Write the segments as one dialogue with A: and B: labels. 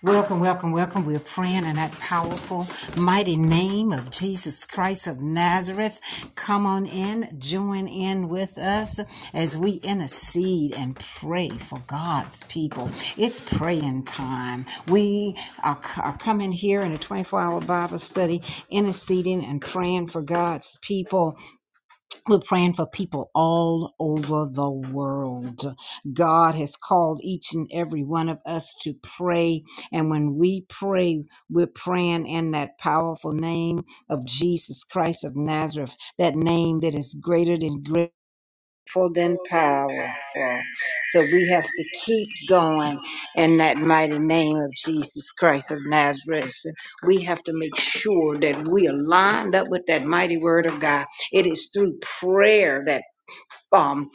A: Welcome, welcome, welcome. We're praying in that powerful, mighty name of Jesus Christ of Nazareth. Come on in, join in with us as we intercede and pray for God's people. It's praying time. We are, are coming here in a 24 hour Bible study, interceding and praying for God's people. We're praying for people all over the world. God has called each and every one of us to pray. And when we pray, we're praying in that powerful name of Jesus Christ of Nazareth, that name that is greater than great powerful than powerful. So we have to keep going in that mighty name of Jesus Christ of Nazareth. So We have to make sure that we are lined up with that mighty word of God. It is through prayer that um,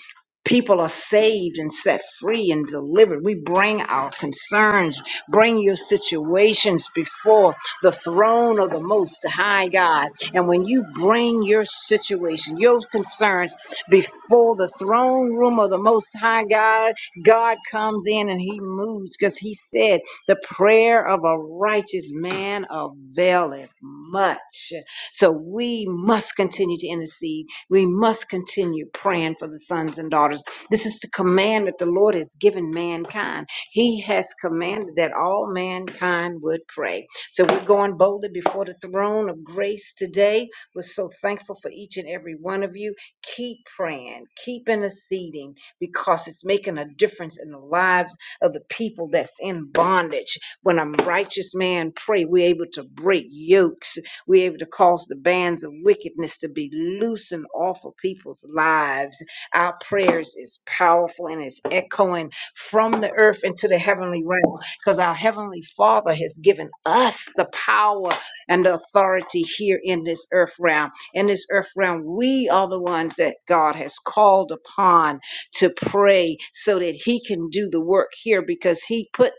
A: people are saved and set free and delivered. We bring our concerns, bring your situations before the throne of the Most High God. And when you bring your situation, your concerns before the throne room of the Most High God, God comes in and He moves because He said, The prayer of a righteous man availeth much. So we must continue to intercede we must continue praying for the sons and daughters. This is the command that the Lord has given mankind. He has commanded that all mankind would pray. So we're going boldly before the throne of grace today. We're so thankful for each and every one of you. Keep praying, keep interceding because it's making a difference in the lives of the people that's in bondage. When a righteous man pray, we're able to break yokes we're able to cause the bands of wickedness to be loosened off of people's lives. Our prayers is powerful and it's echoing from the earth into the heavenly realm because our heavenly Father has given us the power and the authority here in this earth realm. In this earth realm, we are the ones that God has called upon to pray so that He can do the work here because He put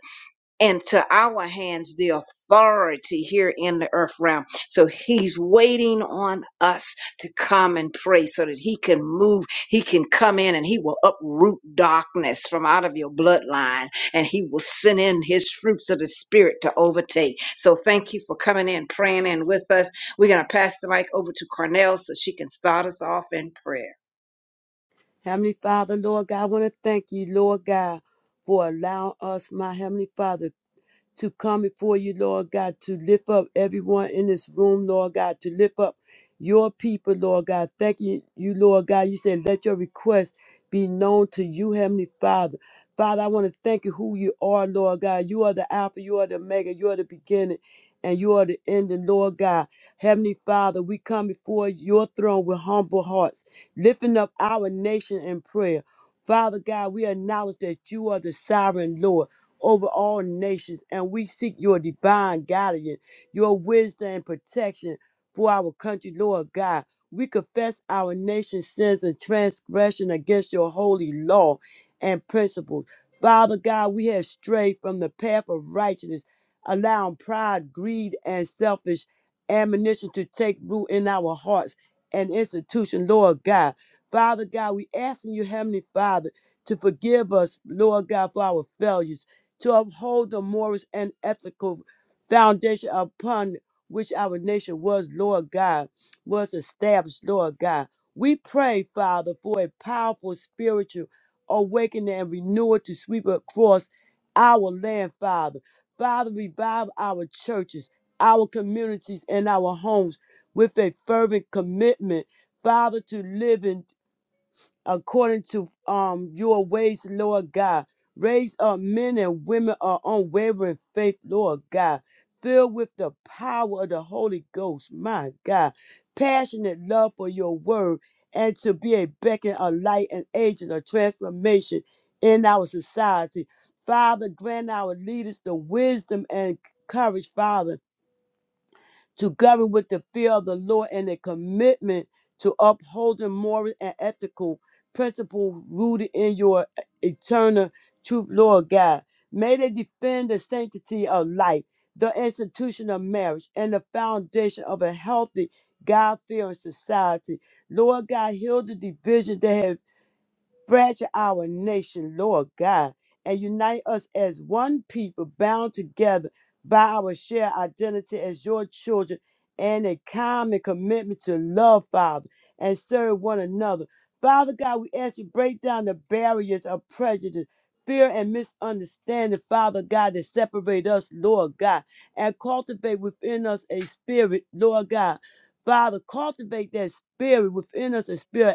A: and to our hands the authority here in the earth realm. So he's waiting on us to come and pray so that he can move, he can come in and he will uproot darkness from out of your bloodline and he will send in his fruits of the spirit to overtake. So thank you for coming in, praying in with us. We're going to pass the mic over to Cornell so she can start us off in prayer.
B: Heavenly Father, Lord God, I want to thank you, Lord God, for allowing us, my Heavenly Father, to come before you, Lord God, to lift up everyone in this room, Lord God, to lift up your people, Lord God. Thank you, you Lord God. You said, let your request be known to you, Heavenly Father. Father, I want to thank you who you are, Lord God. You are the Alpha, you are the Omega, you are the beginning, and you are the ending, Lord God. Heavenly Father, we come before your throne with humble hearts, lifting up our nation in prayer. Father God, we acknowledge that you are the sovereign Lord over all nations, and we seek your divine guidance, your wisdom and protection for our country, Lord God. We confess our nation's sins and transgression against your holy law and principles. Father God, we have strayed from the path of righteousness, allowing pride, greed, and selfish ammunition to take root in our hearts and institution, Lord God. Father God, we asking you, Heavenly Father, to forgive us, Lord God, for our failures to uphold the moral and ethical foundation upon which our nation was, Lord God, was established, Lord God. We pray, Father, for a powerful spiritual awakening and renewal to sweep across our land, Father. Father, revive our churches, our communities, and our homes with a fervent commitment, Father, to living according to um your ways, Lord God. Raise up men and women of unwavering faith, Lord God, filled with the power of the Holy Ghost, my God. Passionate love for your word and to be a beacon of light and agent of transformation in our society. Father, grant our leaders the wisdom and courage, Father to govern with the fear of the Lord and a commitment to upholding moral and ethical principles rooted in your eternal truth, Lord God. May they defend the sanctity of life, the institution of marriage, and the foundation of a healthy, God fearing society. Lord God, heal the division that has fragile our nation, Lord God, and unite us as one people bound together by our shared identity as your children and a common commitment to love, Father, and serve one another. Father God, we ask you break down the barriers of prejudice, fear, and misunderstanding, Father God, that separate us, Lord God, and cultivate within us a spirit, Lord God. Father, cultivate that spirit within us, a spirit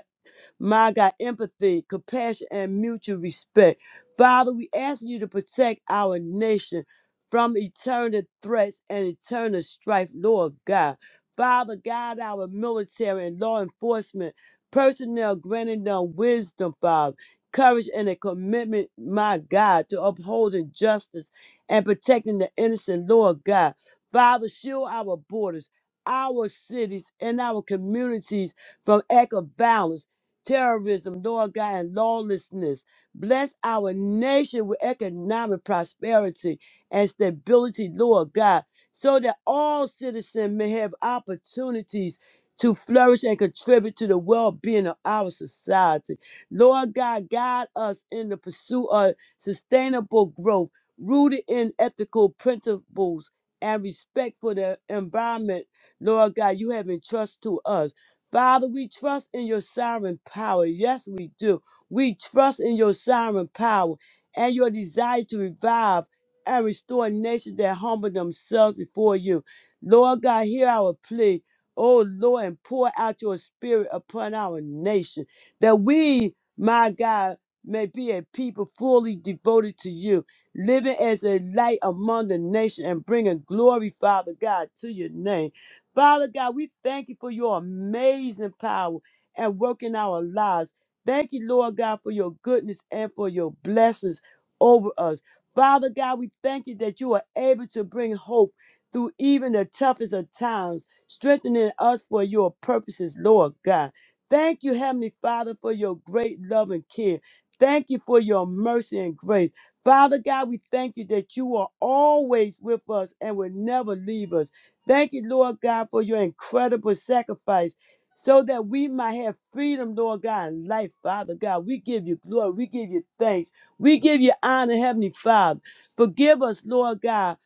B: my God, empathy, compassion, and mutual respect. Father, we ask you to protect our nation from eternal threats and eternal strife, Lord God. Father, guide our military and law enforcement personnel, granting them wisdom, Father, courage, and a commitment, my God, to upholding justice and protecting the innocent, Lord God. Father, shield our borders, our cities, and our communities from act of violence terrorism, Lord God, and lawlessness. Bless our nation with economic prosperity and stability, Lord God, so that all citizens may have opportunities to flourish and contribute to the well being of our society. Lord God, guide us in the pursuit of sustainable growth rooted in ethical principles and respect for the environment, Lord God, you have entrusted to us. Father, we trust in your sovereign power. Yes, we do. We trust in your sovereign power and your desire to revive and restore nations that humble themselves before you. Lord God, hear our plea. Oh Lord, and pour out your spirit upon our nation that we, my God, may be a people fully devoted to you, living as a light among the nation and bringing glory, Father God, to your name. Father God, we thank you for your amazing power and work in our lives. Thank you, Lord God, for your goodness and for your blessings over us. Father God, we thank you that you are able to bring hope through even the toughest of times, strengthening us for your purposes, Lord God. Thank you, Heavenly Father, for your great love and care. Thank you for your mercy and grace. Father God, we thank you that you are always with us and will never leave us. Thank you, Lord God, for your incredible sacrifice so that we might have freedom, Lord God, and life, Father God. We give you glory. We give you thanks. We give you honor, Heavenly Father. Forgive us, Lord God,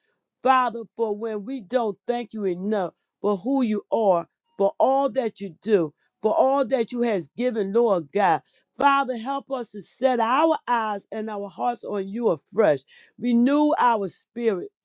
B: Father, for when we don't thank you enough for who you are, for all that you do, for all that you has given, Lord God. Father, help us to set our eyes and our hearts on you afresh. Renew our spirits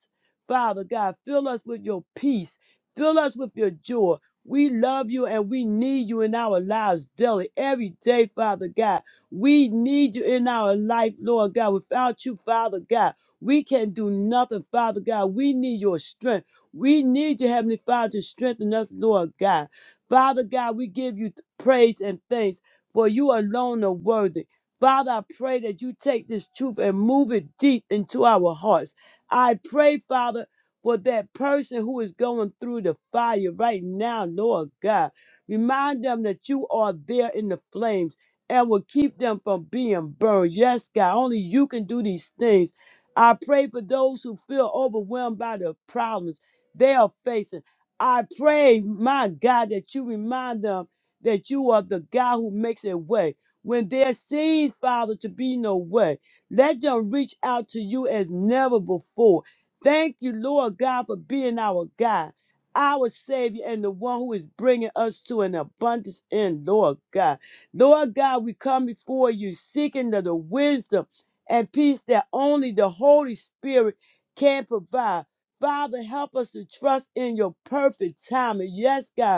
B: Father God, fill us with your peace. Fill us with your joy. We love you and we need you in our lives daily, every day, Father God. We need you in our life, Lord God. Without you, Father God, we can do nothing, Father God. We need your strength. We need you, Heavenly Father, to strengthen us, Lord God. Father God, we give you th- praise and thanks for you alone are worthy. Father, I pray that you take this truth and move it deep into our hearts. I pray, Father, for that person who is going through the fire right now, Lord God. Remind them that you are there in the flames and will keep them from being burned. Yes, God, only you can do these things. I pray for those who feel overwhelmed by the problems they are facing. I pray, my God, that you remind them that you are the God who makes a way. When there seems, Father, to be no way, let them reach out to you as never before. Thank you, Lord God, for being our God, our Savior, and the one who is bringing us to an abundance in, Lord God. Lord God, we come before you seeking the, the wisdom and peace that only the Holy Spirit can provide. Father, help us to trust in your perfect timing. Yes, God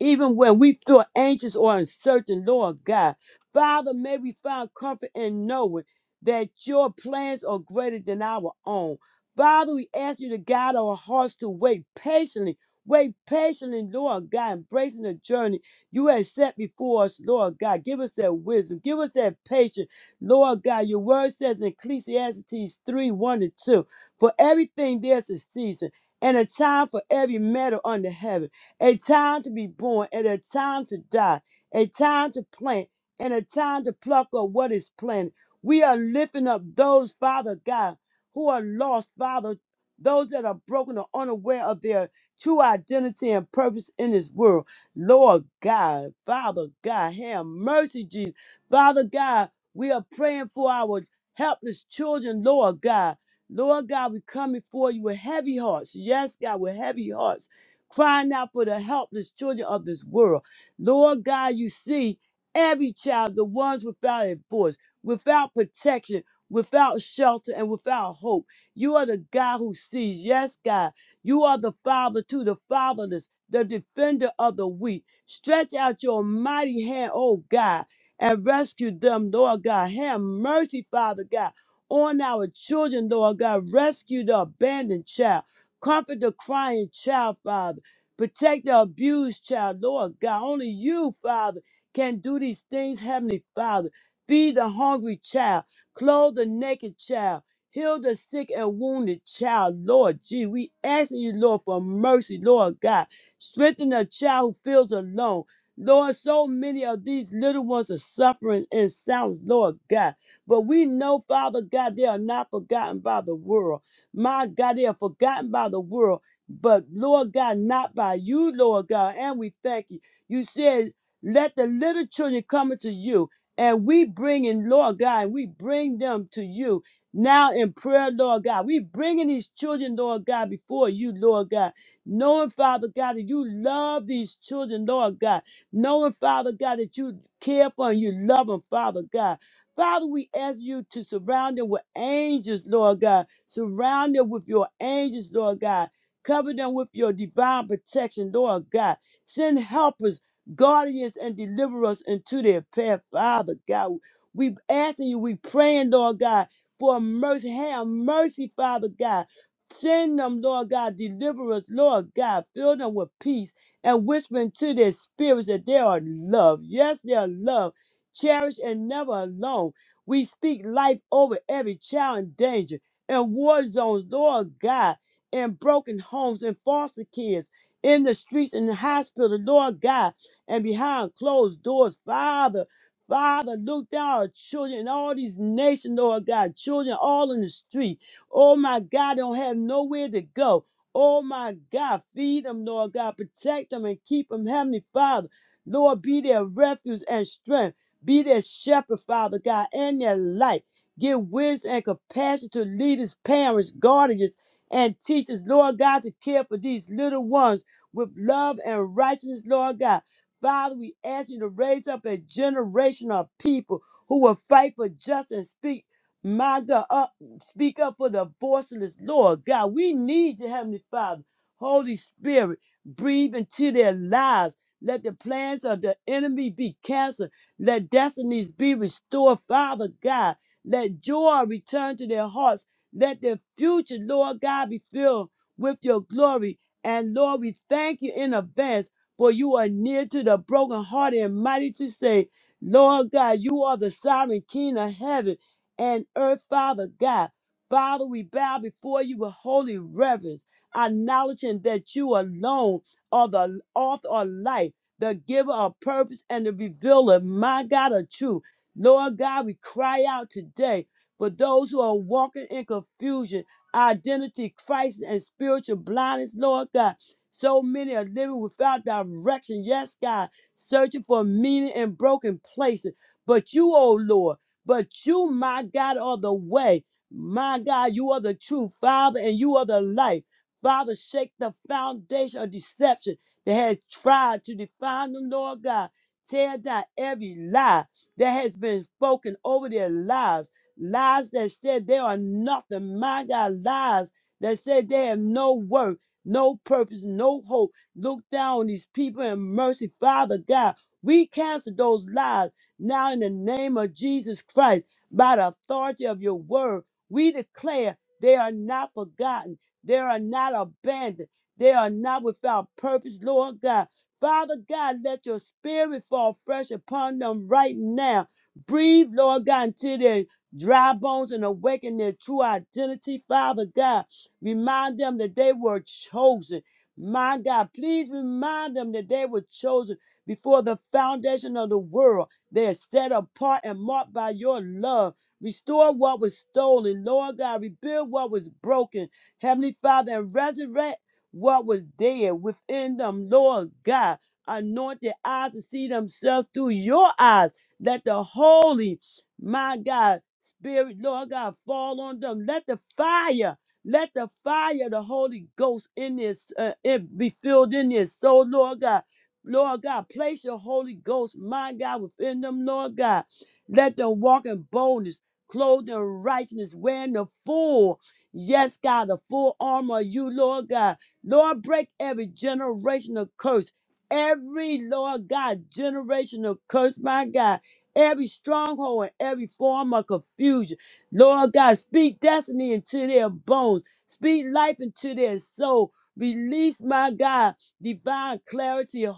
B: even when we feel anxious or uncertain, Lord God. Father, may we find comfort in knowing that your plans are greater than our own. Father, we ask you to guide our hearts to wait patiently. Wait patiently, Lord God, embracing the journey you have set before us, Lord God. Give us that wisdom. Give us that patience, Lord God. Your word says in Ecclesiastes 3 1 and 2 For everything there's a season and a time for every matter under heaven a time to be born and a time to die, a time to plant and a time to pluck up what is planted. We are lifting up those, Father God, who are lost, Father, those that are broken or unaware of their true identity and purpose in this world. Lord God, Father God, have mercy, Jesus. Father God, we are praying for our helpless children, Lord God. Lord God, we come before you with heavy hearts. Yes, God, with heavy hearts crying out for the helpless children of this world. Lord God, you see every child, the ones without a voice, without protection, without shelter, and without hope. You are the God who sees. Yes, God. You are the Father to the fatherless, the defender of the weak. Stretch out your mighty hand, oh God, and rescue them, Lord God. Have mercy, Father God, on our children, Lord God. Rescue the abandoned child. Comfort the crying child, Father. Protect the abused child, Lord God. Only you, Father, can do these things, Heavenly Father. Feed the hungry child, clothe the naked child, heal the sick and wounded child, Lord Gee, We asking you, Lord, for mercy, Lord God. Strengthen the child who feels alone. Lord, so many of these little ones are suffering in silence, Lord God. But we know, Father God, they are not forgotten by the world. My God, they are forgotten by the world but Lord God, not by you, Lord God. And we thank you. You said, let the little children come unto you. And we bring in, Lord God, and we bring them to you now in prayer, Lord God. We bringing these children, Lord God, before you, Lord God. Knowing, Father God, that you love these children, Lord God. Knowing, Father God, that you care for and you love them, Father God. Father, we ask you to surround them with angels, Lord God. Surround them with your angels, Lord God Cover them with your divine protection, Lord God. Send helpers, guardians, and deliverers into their path, Father God. We asking you, we praying, Lord God, for mercy. Have mercy, Father God. Send them, Lord God, deliverers, Lord God. Fill them with peace and whisper into their spirits that they are loved. Yes, they are loved, cherished, and never alone. We speak life over every child in danger and war zones, Lord God in broken homes, in foster kids, in the streets, in the hospital, Lord God, and behind closed doors, Father. Father, look down on children in all these nations, Lord God, children all in the street. Oh my God, don't have nowhere to go. Oh my God, feed them, Lord God, protect them and keep them, Heavenly Father. Lord, be their refuge and strength. Be their shepherd, Father God, and their light. Give wisdom and compassion to leaders, parents, guardians and teach us, Lord God, to care for these little ones with love and righteousness, Lord God. Father, we ask you to raise up a generation of people who will fight for justice and speak, my God, up, speak up for the voiceless, Lord God. We need you, Heavenly Father. Holy Spirit, breathe into their lives. Let the plans of the enemy be canceled. Let destinies be restored, Father God. Let joy return to their hearts let their future, Lord God, be filled with your glory. And Lord, we thank you in advance for you are near to the brokenhearted and mighty to say, Lord God, you are the sovereign King of heaven and earth, Father God. Father, we bow before you with holy reverence, acknowledging that you alone are the author of life, the giver of purpose, and the revealer, my God, of truth. Lord God, we cry out today. But those who are walking in confusion, identity crisis, and spiritual blindness, Lord God, so many are living without direction. Yes, God, searching for meaning in broken places. But you, oh Lord, but you, my God, are the way. My God, you are the truth, Father, and you are the life. Father, shake the foundation of deception that has tried to define them, Lord God. Tear down every lie that has been spoken over their lives. Lies that said they are nothing. My God, Lies that said they have no worth, no purpose, no hope. Look down on these people in mercy, Father God. We cancel those lies now in the name of Jesus Christ. By the authority of your word, we declare they are not forgotten. They are not abandoned. They are not without purpose, Lord God. Father God, let your spirit fall fresh upon them right now. Breathe, Lord God, into their dry bones and awaken their true identity, Father God. Remind them that they were chosen. My God, please remind them that they were chosen before the foundation of the world. They are set apart and marked by your love. Restore what was stolen, Lord God. Rebuild what was broken, Heavenly Father, and resurrect what was dead within them, Lord God. Anoint their eyes to see themselves through your eyes. Let the holy, my God, Spirit, Lord God, fall on them. Let the fire, let the fire, of the Holy Ghost in this, uh, it be filled in this. So, Lord God, Lord God, place your Holy Ghost, my God, within them, Lord God. Let them walk in boldness, clothed in righteousness, wearing the full, yes, God, the full armor of you, Lord God. Lord, break every generational curse. Every, Lord God, generational curse, my God every stronghold and every form of confusion. Lord God, speak destiny into their bones, speak life into their soul. Release, my God, divine clarity,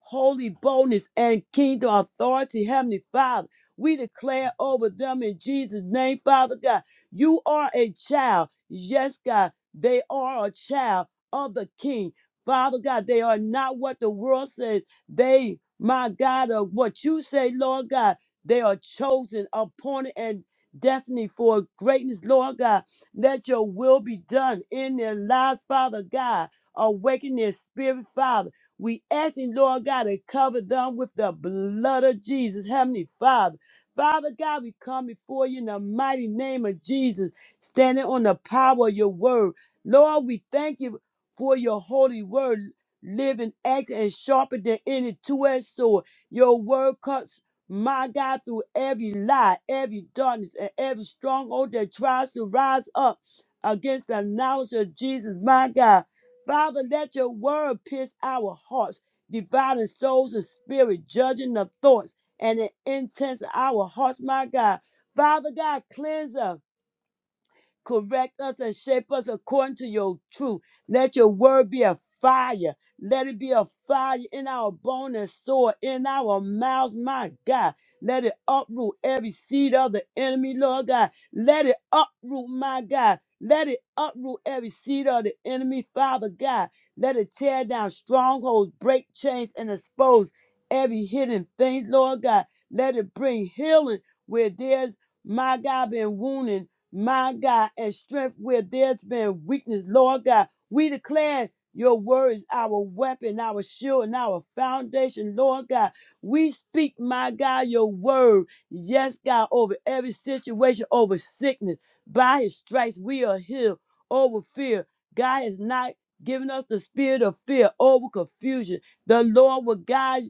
B: holy boldness, and kingdom authority, Heavenly Father. We declare over them in Jesus' name, Father God. You are a child. Yes, God, they are a child of the King. Father God, they are not what the world says. They, my God, are what you say, Lord God. They are chosen, appointed, and destiny for greatness, Lord God. Let your will be done in their lives, Father God. Awaken their spirit, Father. We ask you, Lord God, to cover them with the blood of Jesus, Heavenly Father. Father God, we come before you in the mighty name of Jesus, standing on the power of your word. Lord, we thank you for your holy word, living, active, and sharper than any two-edged sword. Your word cuts my God, through every lie, every darkness, and every stronghold that tries to rise up against the knowledge of Jesus, my God. Father, let your word pierce our hearts, dividing souls and spirit, judging the thoughts and the intents of our hearts, my God. Father God, cleanse us Correct us and shape us according to your truth. Let your word be a fire. Let it be a fire in our bone and sword, in our mouths, my God. Let it uproot every seed of the enemy, Lord God. Let it uproot, my God. Let it uproot every seed of the enemy, Father God. Let it tear down strongholds, break chains, and expose every hidden thing, Lord God. Let it bring healing where there's, my God, been wounded my God, and strength where there's been weakness. Lord God, we declare your word is our weapon, our shield, and our foundation. Lord God, we speak, my God, your word. Yes, God, over every situation, over sickness. By his stripes, we are healed over fear. God has not given us the spirit of fear over confusion. The Lord will guide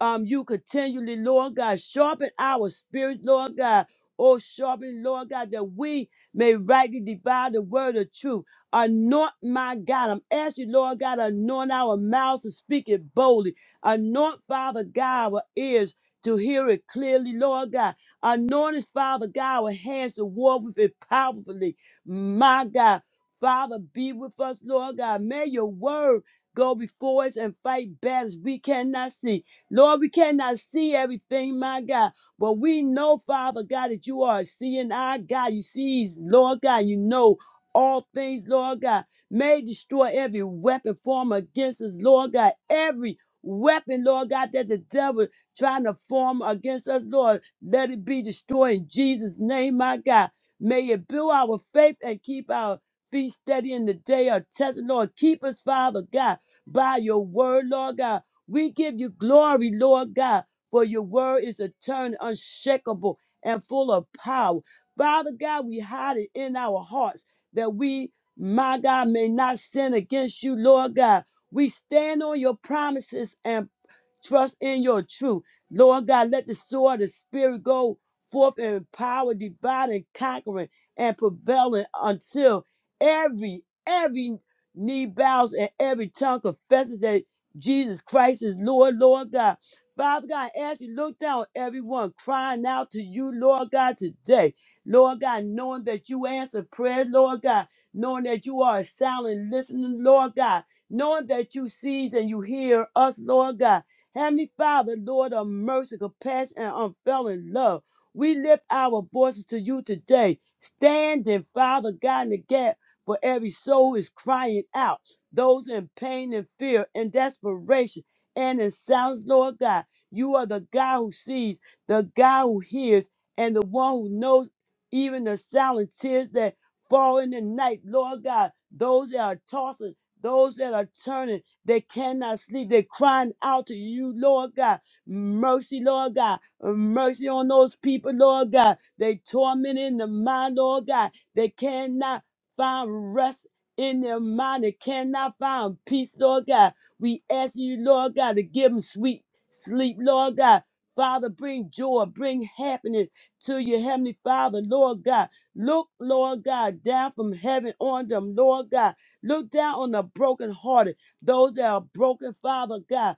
B: um, you continually, Lord God. Sharpen our spirits, Lord God Oh, sharpen, Lord God, that we may rightly divide the word of truth. Anoint my God. I'm asking, Lord God, anoint our mouths to speak it boldly. Anoint, Father God, our ears to hear it clearly, Lord God. Anoint us, Father God, our hands to war with it powerfully. My God, Father, be with us, Lord God. May your word go before us and fight battles we cannot see. Lord, we cannot see everything, my God. But we know, Father God, that you are a seeing our God. You see, Lord God, you know all things, Lord God. May destroy every weapon formed against us, Lord God. Every weapon, Lord God, that the devil trying to form against us, Lord, let it be destroyed in Jesus' name, my God. May it build our faith and keep our feet steady in the day of testing, Lord. Keep us, Father God, by your word, Lord God. We give you glory, Lord God for your word is eternal, unshakable, and full of power. Father God, we hide it in our hearts that we, my God, may not sin against you, Lord God. We stand on your promises and Trust in your truth. Lord God, let the sword of the Spirit go forth in power, dividing, conquering, and prevailing until every, every knee bows and every tongue confesses that Jesus Christ is Lord, Lord God. Father God, as you look down on everyone crying out to you, Lord God, today, Lord God, knowing that you answer prayer, Lord God, knowing that you are a silent listener, Lord God, knowing that you sees and you hear us, Lord God. Heavenly Father, Lord of mercy, compassion, and unfailing love, we lift our voices to you today, standing, Father God, in the gap for every soul is crying out, those in pain and fear and desperation and in silence, Lord God. You are the God who sees, the God who hears, and the one who knows even the silent tears that fall in the night, Lord God. Those that are tossing, those that are turning, they cannot sleep. They're crying out to you, Lord God. Mercy, Lord God. Mercy on those people, Lord God. They torment in the mind, Lord God. They cannot find rest in their mind. They cannot find peace, Lord God. We ask you, Lord God, to give them sweet sleep, Lord God. Father, bring joy, bring happiness to your heavenly Father, Lord God. Look, Lord God, down from heaven on them, Lord God. Look down on the brokenhearted those that are broken, Father God.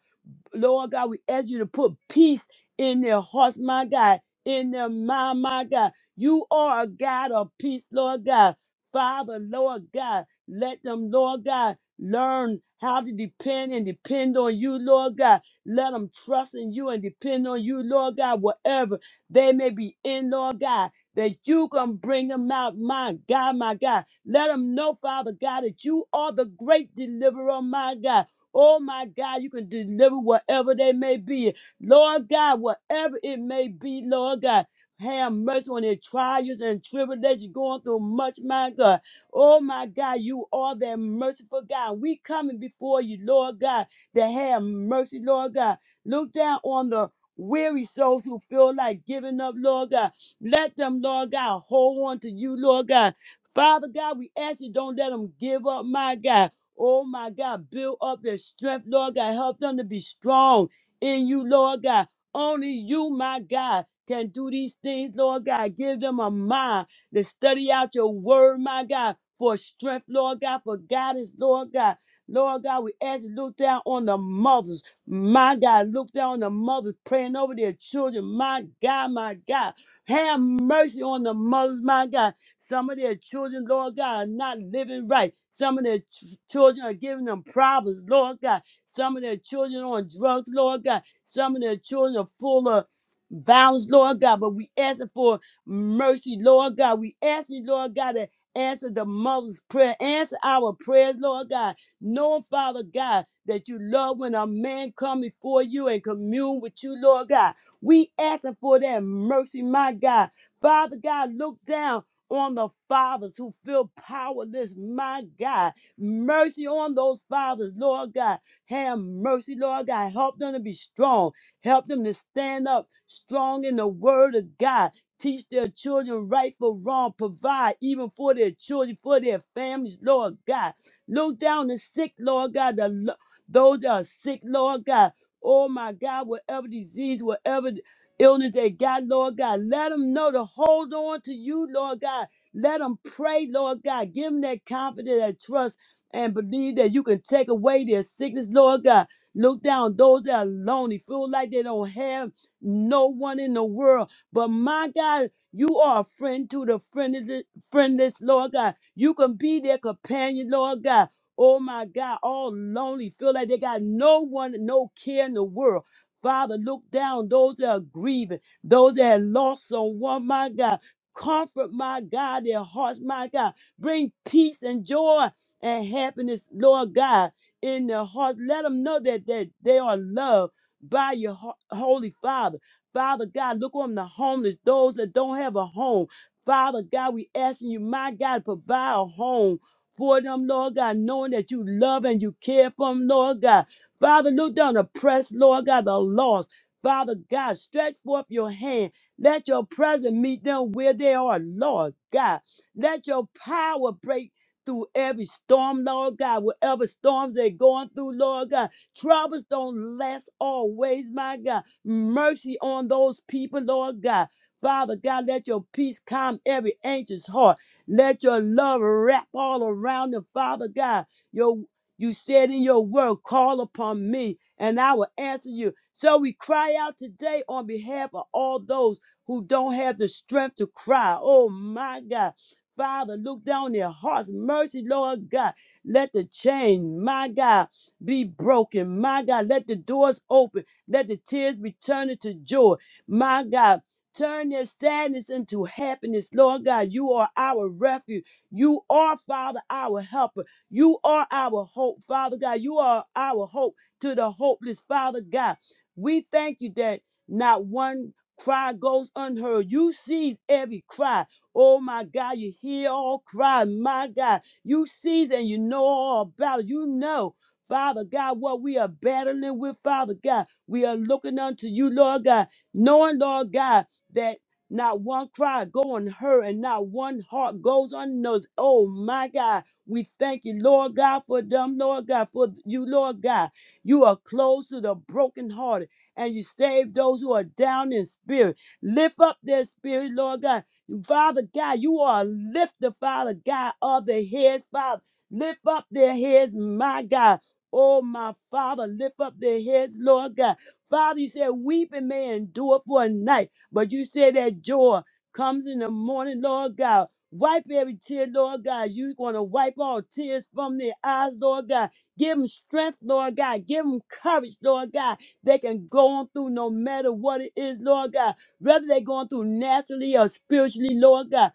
B: Lord God, we ask you to put peace in their hearts, my God, in their mind, my God. You are a God of peace, Lord God. Father, Lord God, let them, Lord God, learn how to depend and depend on you, Lord God. Let them trust in you and depend on you, Lord God, whatever they may be in, Lord God. That you can bring them out, my God, my God. Let them know, Father God, that you are the great deliverer, my God. Oh my God, you can deliver whatever they may be. Lord God, whatever it may be, Lord God. Have mercy on their trials and tribulations going through much, my God. Oh my God, you are that merciful God. We coming before you, Lord God, to have mercy, Lord God. Look down on the weary souls who feel like giving up, Lord God. Let them, Lord God, hold on to you, Lord God. Father God, we ask you don't let them give up, my God. Oh my God, build up their strength, Lord God. Help them to be strong in you, Lord God. Only you, my God, can do these things, Lord God. Give them a mind to study out your word, my God, for strength, Lord God, for guidance, Lord God. Lord God, we ask you to look down on the mothers. My God, look down on the mothers praying over their children. My God, my God. Have mercy on the mothers, my God. Some of their children, Lord God, are not living right. Some of their ch- children are giving them problems, Lord God. Some of their children are on drugs, Lord God. Some of their children are full of violence, Lord God. But we ask for mercy, Lord God. We ask you, Lord God, to answer the mother's prayer. Answer our prayers, Lord God. Knowing, Father God, that you love when a man come before you and commune with you, Lord God. We asking for that mercy, my God. Father God, look down on the fathers who feel powerless, my God. Mercy on those fathers, Lord God. Have mercy, Lord God. Help them to be strong. Help them to stand up strong in the word of God. Teach their children right from wrong. Provide even for their children, for their families, Lord God. Look down the sick, Lord God. The, lo- those that are sick, Lord God. Oh my God, whatever disease, whatever illness they got, Lord God, let them know to hold on to you, Lord God. Let them pray, Lord God. Give them that confidence, that trust, and believe that you can take away their sickness, Lord God. Look down on those that are lonely, feel like they don't have no one in the world. But my God, you are a friend to the friendless, friendless, Lord God. You can be their companion, Lord God. Oh my God, all lonely, feel like they got no one, no care in the world. Father, look down those that are grieving, those that have lost someone, my God. Comfort, my God, their hearts, my God. Bring peace and joy and happiness, Lord God, in their hearts. Let them know that, that they are loved by your ho- Holy Father. Father God, look on the homeless, those that don't have a home. Father God, we asking you, my God, to provide a home for them, Lord God, knowing that you love and you care for them, Lord God. Father, look down the press, Lord God, the lost. Father God, stretch forth your hand. Let your presence meet them where they are, Lord God. Let your power break through every storm, Lord God, whatever storms they're going through, Lord God. Troubles don't last always, my God. Mercy on those people, Lord God. Father God, let your peace calm every anxious heart. Let your love wrap all around them, Father God. Your you said in your word, call upon me and I will answer you. So we cry out today on behalf of all those who don't have the strength to cry. Oh my God. Father, look down their hearts. Mercy, Lord God. Let the chain, my God, be broken. My God, let the doors open. Let the tears be turned into joy. My God, turn their sadness into happiness. Lord God, you are our refuge. You are, Father, our helper. You are our hope, Father God. You are our hope to the hopeless, Father God. We thank you that not one cry goes unheard. You see every cry. Oh my God, you hear all cries. My God, you see and you know all about it. You know. Father God, what we are battling with, Father God, we are looking unto you, Lord God, knowing, Lord God, that not one cry go unheard and not one heart goes unnoticed. Oh my God, we thank you, Lord God, for them, Lord God, for you, Lord God. You are close to the brokenhearted and you save those who are down in spirit. Lift up their spirit, Lord God. Father God, you are a lifter, Father God, of the heads, Father. Lift up their heads, my God. Oh, my Father, lift up their heads, Lord God. Father, you said weeping may endure for a night, but you said that joy comes in the morning, Lord God. Wipe every tear, Lord God. You're going to wipe all tears from their eyes, Lord God. Give them strength, Lord God. Give them courage, Lord God. They can go on through no matter what it is, Lord God. Whether they're going through naturally or spiritually, Lord God.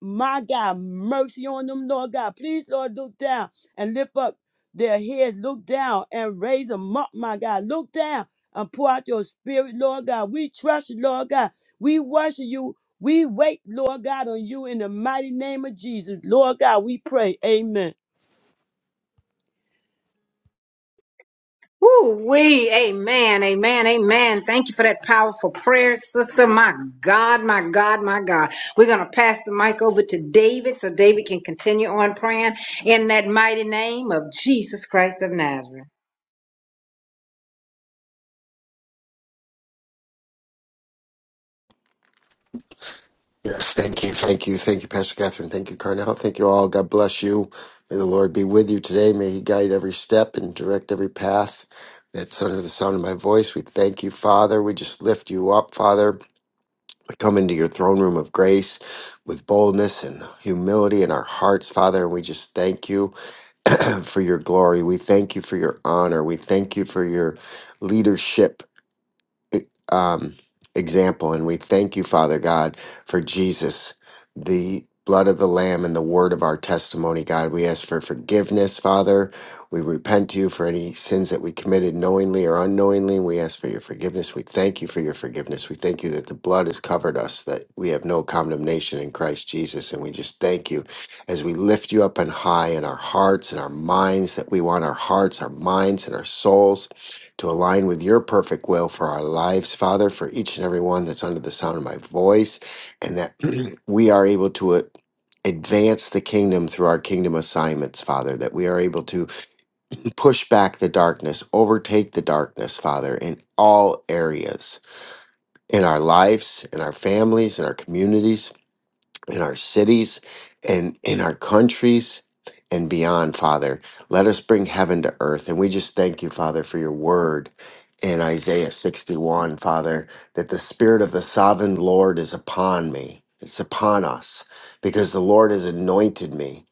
B: My God, mercy on them, Lord God. Please, Lord, look down and lift up their heads. Look down and raise them up, my God. Look down and pour out your spirit, Lord God. We trust you, Lord God. We worship you we wait, Lord God, on you in the mighty name of Jesus. Lord God, we pray. Amen.
A: Woo wee, amen, amen, amen. Thank you for that powerful prayer, sister. My God, my God, my God. We're going to pass the mic over to David so David can continue on praying in that mighty name of Jesus Christ of Nazareth.
C: Yes, thank you, thank you, thank you, Pastor Catherine. Thank you, Carnell. Thank you all. God bless you. May the Lord be with you today. May He guide every step and direct every path that's under the sound of my voice. We thank you, Father. We just lift you up, Father. We come into your throne room of grace with boldness and humility in our hearts, Father, and we just thank you for your glory. We thank you for your honor. We thank you for your leadership um, example. And we thank you, Father God, for Jesus, the blood of the Lamb and the word of our testimony, God. We ask for forgiveness, Father. We repent to you for any sins that we committed knowingly or unknowingly. We ask for your forgiveness. We thank you for your forgiveness. We thank you that the blood has covered us, that we have no condemnation in Christ Jesus. And we just thank you as we lift you up on high in our hearts and our minds, that we want our hearts, our minds, and our souls to align with your perfect will for our lives, Father, for each and every one that's under the sound of my voice, and that we are able to uh, advance the kingdom through our kingdom assignments, Father, that we are able to push back the darkness, overtake the darkness, Father, in all areas, in our lives, in our families, in our communities in our cities and in our countries and beyond, Father. Let us bring heaven to earth. And we just thank you, Father, for your word in Isaiah 61, Father, that the Spirit of the sovereign Lord is upon me, it's upon us, because the Lord has anointed me.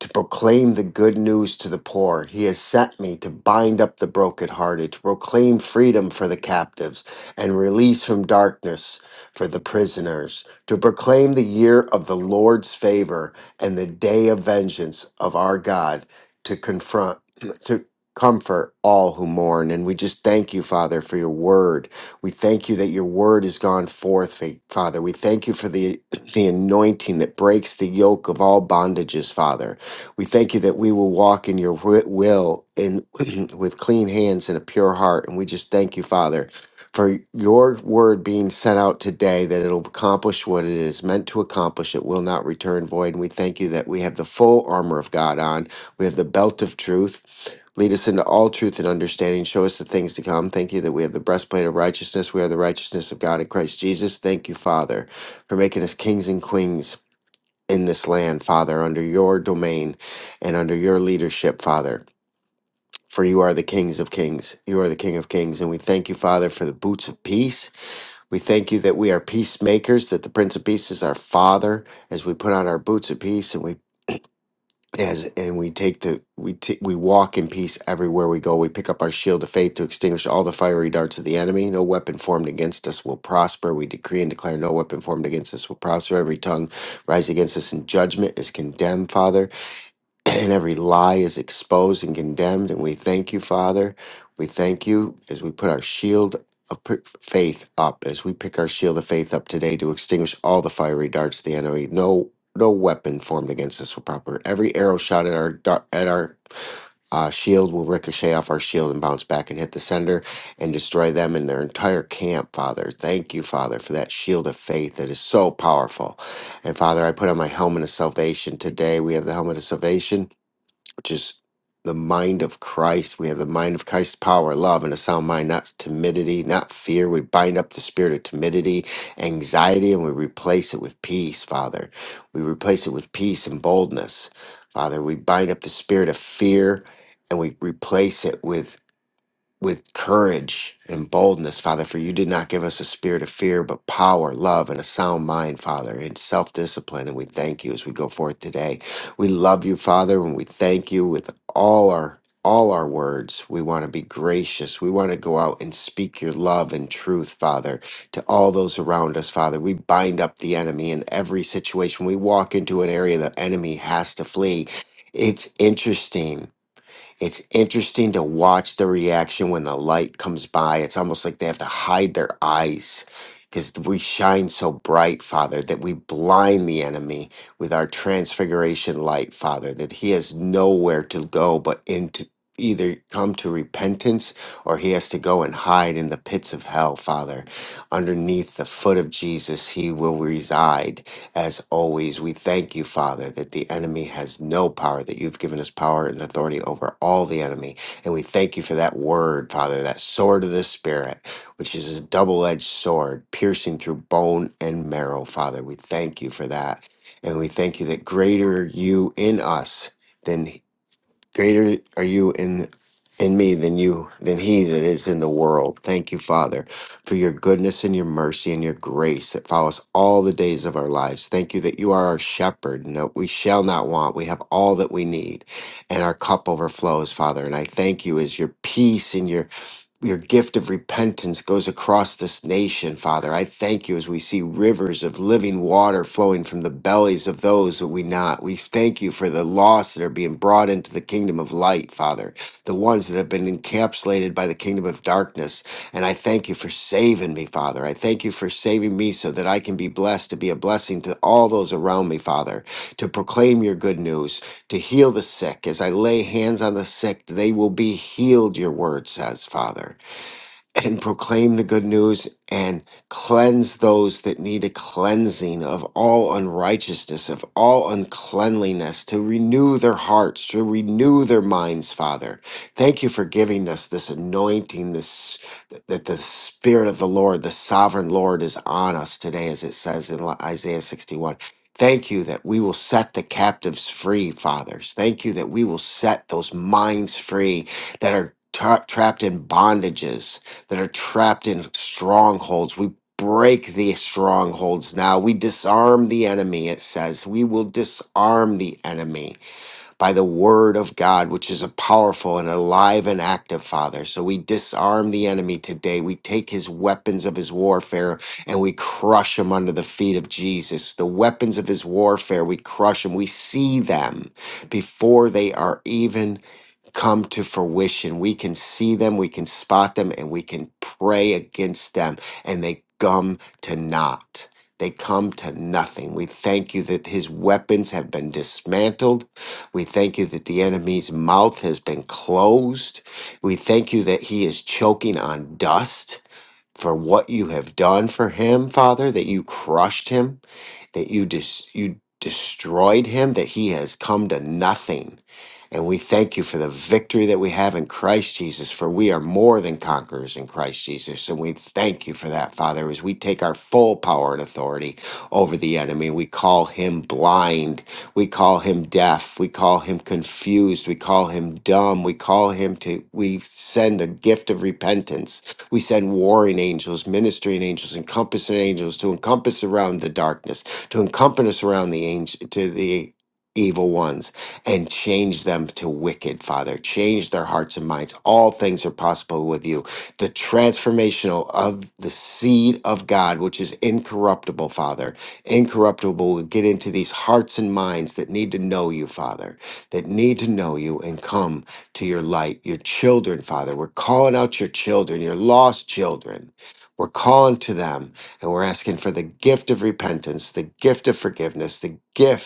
C: To proclaim the good news to the poor. He has sent me to bind up the brokenhearted, to proclaim freedom for the captives, and release from darkness for the prisoners to proclaim the year of the Lord's favor and the day of vengeance of our God, to confront, to comfort all who mourn. And we just thank you, Father, for your word. We thank you that your word has gone forth, Fa- Father. We thank you for the, the anointing that breaks the yoke of all bondages, Father. We thank you that we will walk in your wi- will in, with clean hands and a pure heart. And we just thank you, Father for your word being sent out today that it'll accomplish what it is meant to accomplish. It will not return void. And we thank you that we have the full armor of God on. We have the belt of truth. Lead us into all truth and understanding. Show us the things to come. Thank you that we have the breastplate of righteousness. We are the righteousness of God in Christ Jesus. Thank you, Father, for making us kings and queens in this land, Father, under your domain and under your leadership, Father. For you are the kings of kings. You are the king of kings. And we thank you, Father, for the boots of peace we thank you that we are peacemakers, that the Prince of Peace is our Father, as we put on our boots of peace and we as and we take the we t- we walk in peace everywhere we go. We pick up our shield of faith to extinguish all the fiery darts of the enemy. No weapon formed against us will prosper. We decree and declare no weapon formed against us will prosper. Every tongue rise against us in judgment is condemned, Father and every lie is exposed and condemned. And we thank you, Father. We thank you as we put our shield of p- faith up, as we pick our shield of faith up today to extinguish all the fiery darts of the enemy. No, no weapon formed against us will proper. Every arrow shot at our dar- at our uh, shield will ricochet off our shield and bounce back and hit the sender and destroy them and their entire camp, Father. Thank you, Father, for that shield of faith that is so powerful. And Father, I put on my helmet of salvation today. We have the helmet of salvation which is the mind of Christ. We have the mind of Christ, power, love, and a sound mind, not timidity, not fear. We bind up the spirit of timidity, anxiety, and we replace it with peace, Father. We replace it with peace and boldness, Father. We bind up the spirit of fear and we replace it with with courage and boldness, Father, for you did not give us a spirit of fear, but power, love, and a sound mind, Father, and self discipline. And we thank you as we go forth today. We love you, Father, and we thank you with all our all our words. We want to be gracious. We want to go out and speak your love and truth, Father, to all those around us, Father. We bind up the enemy in every situation. We walk into an area the enemy has to flee. It's interesting it's interesting to watch the reaction when the light comes by. It's almost like they have to hide their eyes because we shine so bright, Father, that we blind the enemy with our transfiguration light, Father, that he has nowhere to go but into either come to repentance or he has to go and hide in the pits of hell, Father. Underneath the foot of Jesus, he will reside as always, we thank you, Father, that the enemy has no power, that you've given us power and authority over all the enemy. And we thank you for that word, Father, that sword of the Spirit, which is a double edged sword piercing through bone and marrow, Father. We thank you for that. And we thank you that greater you in us. than. Greater are you in in me than you than he that is in the world. Thank you, Father, for your goodness and your mercy and your grace that follows all the days of our lives. Thank you that you are our shepherd and that we shall not want. We have all that we need, and our cup overflows, Father. And I thank you as your peace and your your gift of repentance goes across this nation, Father. I thank you as we see rivers of living water flowing from the bellies of those that we not. We thank you for the lost that are being brought into the kingdom of light, Father, the ones that have been encapsulated by the kingdom of darkness. And I thank you for saving me, Father. I thank you for saving me so that I can be blessed to be a blessing to all those around me, Father, to proclaim your good news, to heal the sick. As I lay hands on the sick, they will be healed, your word says, Father and proclaim the good news and cleanse those that need a cleansing of all unrighteousness, of all uncleanliness, to renew their hearts, to renew their minds, Father. Thank you for giving us this anointing, this that the Spirit of the Lord, the sovereign Lord, is on us today, as it says in Isaiah 61. Thank you that we will set the captives free, fathers. Thank you that we will set those minds free that are tra- trapped in bondages that are trapped in strongholds. We break the strongholds now. We disarm the enemy, it says. We will disarm the enemy by the word of God, which is a powerful and alive and active, Father. So we disarm the enemy today. We take his weapons of his warfare and we crush them under the feet of Jesus. The weapons of his warfare, we crush them. We see them before they are even come to fruition. We can see them, we can spot them, and we can pray against them, and they come to naught. They come to nothing. We thank you that his weapons have been dismantled we thank you that the enemy's mouth has been closed. We thank you that he is choking on dust for what you have done for him, Father, that you crushed him, that you dis- you destroyed him, that he has come to nothing. And we thank you for the victory that we have in Christ Jesus, for we are more than conquerors in Christ Jesus. And we thank you for that, Father, as we take our full power and authority over the enemy. We call him blind. We call him deaf. We call him confused. We call him dumb. We call him to, we send a gift of repentance we send warring angels, ministering angels, encompassing angels to encompass around the darkness, to encompass around the angel, to the evil ones, and change them to wicked, Father. Change their hearts and minds. All things are possible with you. The transformational of the seed of God, which is incorruptible, Father. Incorruptible will get into these hearts and minds that need to know you, Father, that need to know you and come to your light, your children, Father. We're calling out your children, your lost children. We're calling to them and we're asking for the gift of repentance, the gift of forgiveness, the gift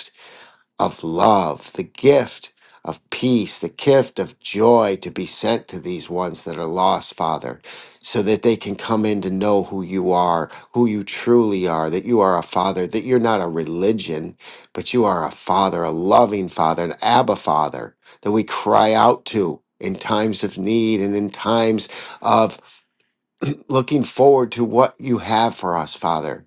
C: of love, the gift of peace, the gift of joy to be sent to these ones that are lost, Father, so that they can come in to know who you are, who you truly are, that you are a Father, that you're not a religion, but you are a Father, a loving Father, an Abba Father that we cry out to. In times of need and in times of looking forward to what you have for us, Father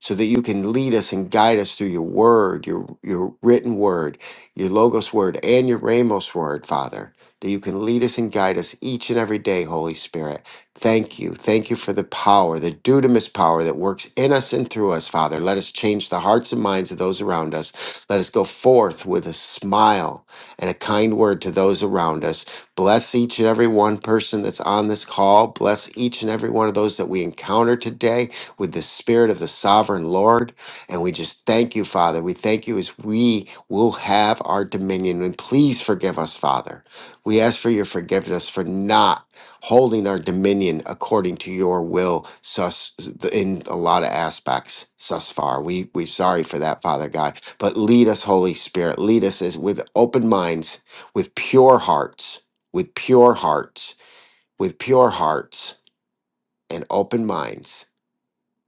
C: so that you can lead us and guide us through your word, your your written word, your logos word, and your ramos word, Father, that you can lead us and guide us each and every day, Holy Spirit. Thank you. Thank you for the power, the dudamus power that works in us and through us, Father. Let us change the hearts and minds of those around us. Let us go forth with a smile and a kind word to those around us. Bless each and every one person that's on this call. Bless each and every one of those that we encounter today with the spirit of the sovereign Lord. And we just thank you, Father. We thank you as we will have our dominion. And please forgive us, Father. We ask for your forgiveness for not holding our dominion according to your will sus, in a lot of aspects thus far. We, we're sorry for that, Father God. But lead us, Holy Spirit. Lead us as, with open minds, with pure hearts, with pure hearts, with pure hearts and open minds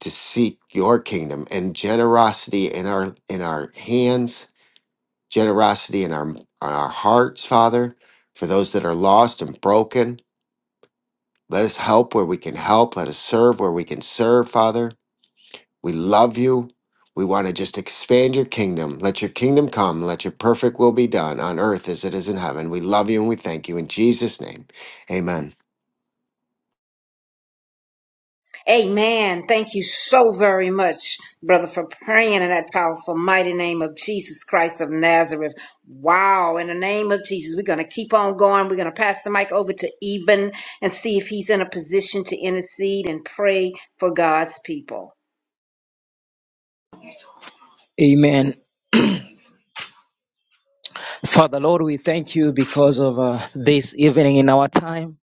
C: to seek your kingdom and generosity in our in our hands generosity in our in our hearts father for those that are lost and broken let us help where we can help let us serve where we can serve father we love you we want to just expand your kingdom let your kingdom come let your perfect will be done on earth as it is in heaven we love you and we thank you in jesus name amen
A: Amen. Thank you so very much, brother, for praying in that powerful, mighty name of Jesus Christ of Nazareth. Wow. In the name of Jesus, we're going to keep on going. We're going to pass the mic over to Eben and see if he's in a position to intercede and pray for God's people.
D: Amen. Father, Lord, we thank you because of uh, this evening in our time.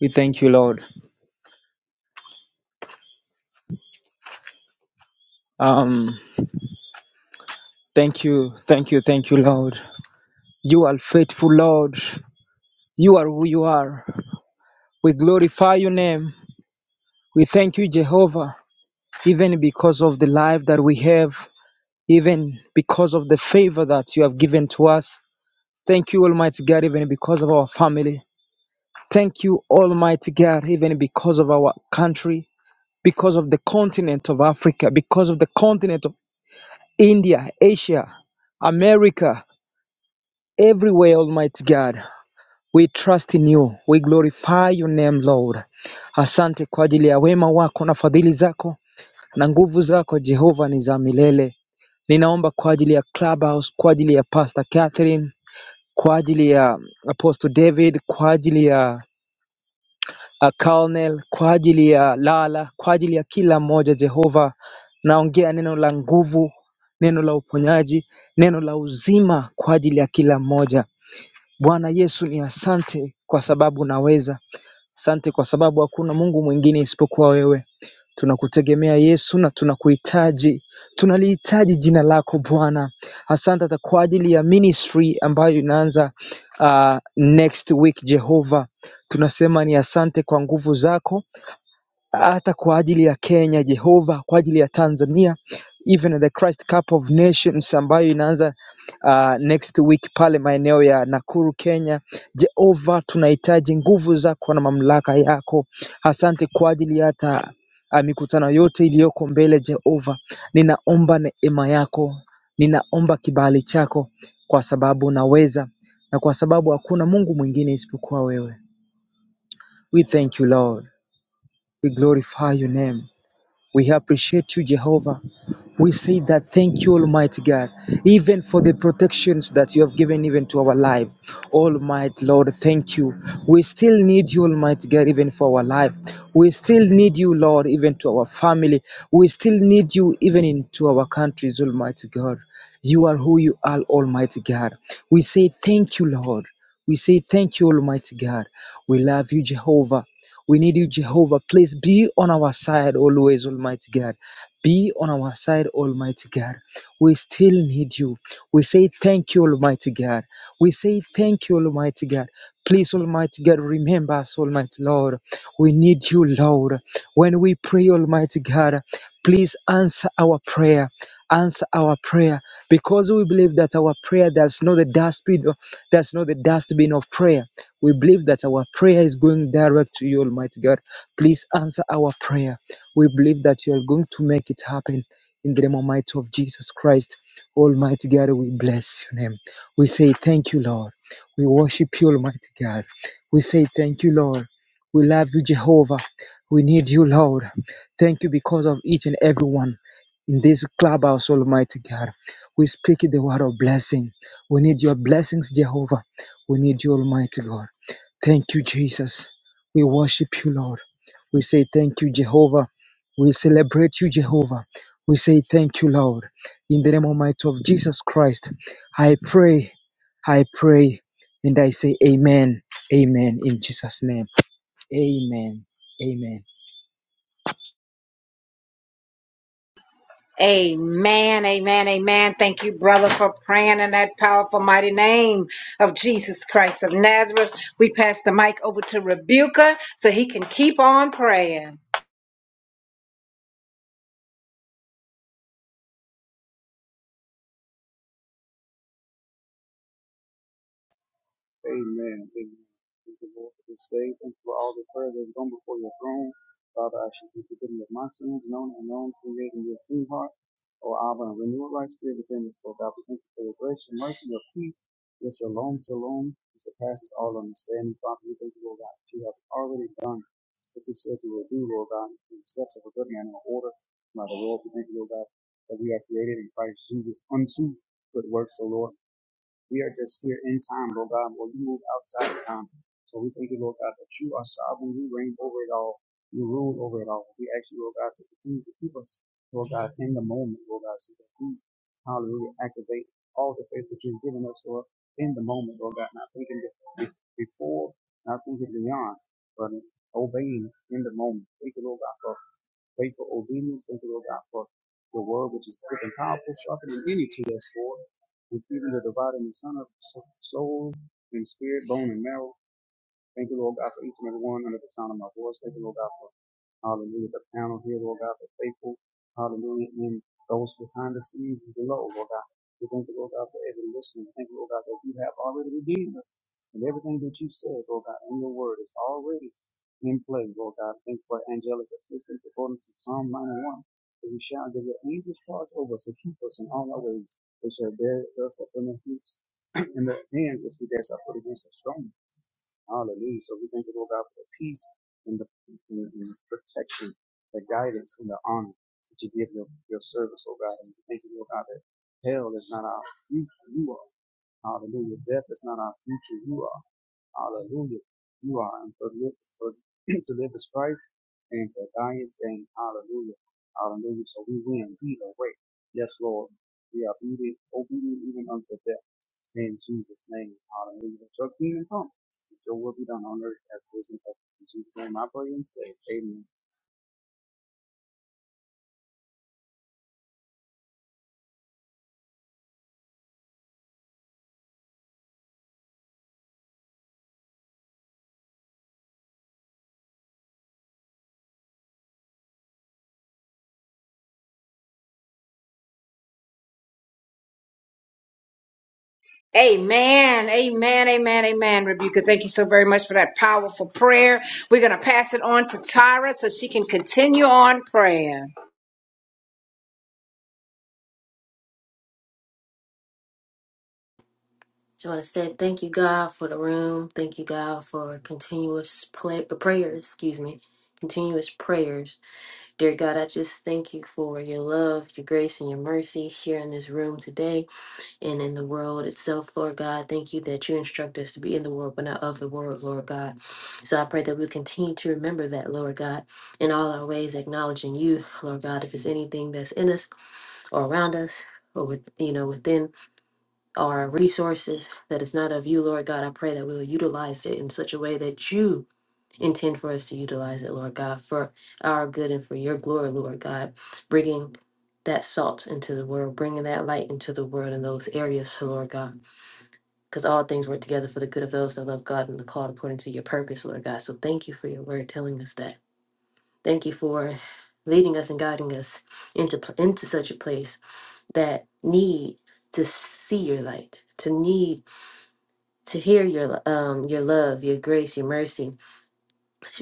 D: We thank you, Lord. Um, thank you, thank you, thank you, Lord. You are faithful, Lord. You are who you are. We glorify your name. We thank you, Jehovah, even because of the life that we have, even because of the favor that you have given to us. Thank you, Almighty God, even because of our family. Thank you, Almighty God, even because of our country. because of the continent of Africa, because of the continent of India, Asia, America, everywhere, Almighty God. We trust in you. We glorify your name, Lord. Asante kwa ajili ya wema wako na fadhili zako na nguvu zako Jehova ni za milele. Ninaomba kwa ajili ya Clubhouse, kwa ajili ya Pastor Catherine, kwa ajili ya Apostle David, kwa ajili ya uh, Colonel, kwa ajili ya Lala, kwa ajili ya kila mmoja Jehova, naongea neno la nguvu, neno la uponyaji, neno la uzima kwa ajili ya kila mmoja. Bwana Yesu ni asante kwa sababu unaweza. Asante kwa sababu hakuna Mungu mwingine isipokuwa wewe. Tunakutegemea Yesu na tunakuhitaji. Tunalihitaji jina lako Bwana. Asante hata kwa ajili ya ministry ambayo inaanza ah, next week Jehovah Tunasema ni asante kwa nguvu zako hata kwa ajili ya Kenya Jehova, kwa ajili ya Tanzania, even the Christ Cup of Nations ambayo inaanza uh, next week pale maeneo ya Nakuru, Kenya. Jehova, tunahitaji nguvu zako na mamlaka yako. Asante kwa ajili ya hata uh, mikutano yote iliyoko mbele. Jehova, ninaomba neema yako, ninaomba kibali chako, kwa sababu unaweza na kwa sababu hakuna Mungu mwingine isipokuwa wewe. We thank you Lord, we glorify your name. We appreciate you, Jehovah. We say that thank you, Almighty God, even for the protections that you have given even to our life. Almighty Lord, thank you. We still need you, Almighty God, even for our life. We still need you, Lord, even to our family. We still need you even into our countries, Almighty God. You are who you are, Almighty God. We say thank you, Lord. We say thank you, Almighty God. We love you, Jehovah. We need you, Jehovah. Please be on our side always, Almighty God. Be on our side, Almighty God. We still need you. We say thank you, Almighty God. We say thank you, Almighty God. Please, Almighty God, remember us, Almighty Lord. We need you, Lord. When we pray, Almighty God, please answer our prayer answer our prayer because we believe that our prayer does not the dustbin of that's not the dustbin of prayer. We believe that our prayer is going direct to you, Almighty God. Please answer our prayer. We believe that you are going to make it happen in the name Almighty of Jesus Christ. Almighty God, we bless your name. We say thank you, Lord. We worship you, Almighty God. We say thank you, Lord. We love you, Jehovah. We need you, Lord. Thank you because of each and every one in this clubhouse, Almighty God. We speak the word of blessing. We need your blessings, Jehovah. We need you, Almighty God. Thank you, Jesus. We worship you, Lord. We say thank you, Jehovah. We celebrate you, Jehovah. We say thank you, Lord. In the name of might of Jesus Christ, I pray, I pray, and I say amen, amen, in Jesus' name. Amen, amen.
A: Amen, amen, amen. Thank you, brother, for praying in that powerful, mighty name of Jesus Christ of Nazareth. We pass the mic over to Rebuka so he can keep on praying.
E: Amen. Amen. Thank you, Lord, for this day. Thank you for all the prayer that's gone before your throne. Father, I should seek the of my sins, known and unknown, creating your clean heart. O Abba, and renew a right spirit within us, Lord God. We thank you for your grace, your mercy, your peace, your shalom, shalom, that surpasses all understanding. Father, we thank you, Lord God, that you have already done what you said you will do, Lord God, in the steps of a good man in order. By the Lord, we thank you, Lord God, that we are created in Christ Jesus unto good works, O Lord. We are just here in time, Lord God, while you move outside of time. So we thank you, Lord God, that you are sovereign. You reign over it all. You rule over it all. We ask you, Lord God, to continue to keep us, Lord God, in the moment, Lord God, so that we, hallelujah, activate all the faith that you've given us, Lord, in the moment, Lord God, not thinking be- before, not thinking beyond, but obeying in the moment. Thank you, Lord God, for Pray for obedience. Thank you, Lord God, for the word which is quick and powerful, sharper than any two-edged sword, including the dividing the son of soul and spirit, bone and marrow. Thank you, Lord God, for each and every one under the sound of my voice. Thank you, Lord God, for hallelujah, the panel here, Lord God, for faithful, hallelujah, and those behind the scenes and below, Lord God. We thank you, Lord God, for every listener. Thank you, Lord God, that you have already redeemed us. And everything that you said, Lord God, in your word is already in play, Lord God. Thank you for angelic assistance according to Psalm 91. That we shall give your angels charge over us to keep us in all our ways. They shall bear us up in the, hands- in the hands as we dash our foot against the strong. Hallelujah. So we thank you, Lord God, for the peace and the, and the protection, the guidance and the honor that you give your, your service, oh God. And we thank you, Lord God, that hell is not our future. You are. Hallelujah. Death is not our future. You are. Hallelujah. You are. And for, live, for to live is Christ and to die is gain. Hallelujah. Hallelujah. So we win either way. Yes, Lord. We are obedient, obedient even unto death. In Jesus' name, hallelujah. Let your kingdom come. your will be done on earth as it is in heaven. In Jesus' name, I pray and say, Amen.
A: Amen. Amen. Amen. Amen. Rebuka, thank you so very much for that powerful prayer. We're going to pass it on to Tyra so she can continue on prayer.
F: Just want to say thank you, God, for the room. Thank you, God, for continuous play, uh, prayers. Excuse me, continuous prayers. Dear God, I just thank you for your love, your grace, and your mercy here in this room today and in the world itself, Lord God. Thank you that you instruct us to be in the world but not of the world, Lord God. So I pray that we continue to remember that, Lord God, in all our ways, acknowledging you, Lord God. If it's anything that's in us or around us. Or with you know within or resources that is not of you, Lord God, I pray that we will utilize it in such a way that you intend for us to utilize it, Lord God, for our good and for your glory, Lord God, bringing that salt into the world, bringing that light into the world in those areas, Lord God, because all things work together for the good of those that love God and are called according to your purpose, Lord God. So thank you for your word telling us that. Thank you for leading us and guiding us into pl- into such a place that need to see your light, to need to hear your um your love, your grace, your mercy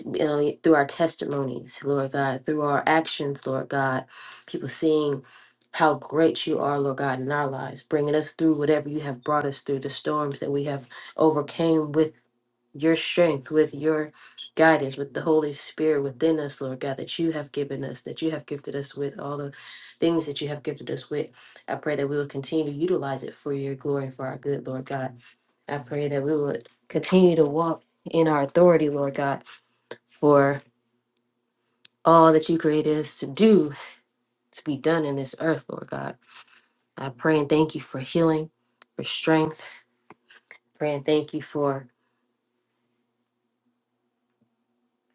F: you know, through our testimonies, Lord God, through our actions, Lord God. People seeing how great you are, Lord God, in our lives, bringing us through whatever you have brought us through, the storms that we have overcame with your strength, with your guidance, with the Holy Spirit within us, Lord God, that you have given us, that you have gifted us with, all the things that you have gifted us with. I pray that we will continue to utilize it for your glory and for our good, Lord God. I pray that we would continue to walk in our authority, Lord God, for all that you created us to do, to be done in this earth, Lord God. I pray and thank you for healing, for strength. Pray and thank you for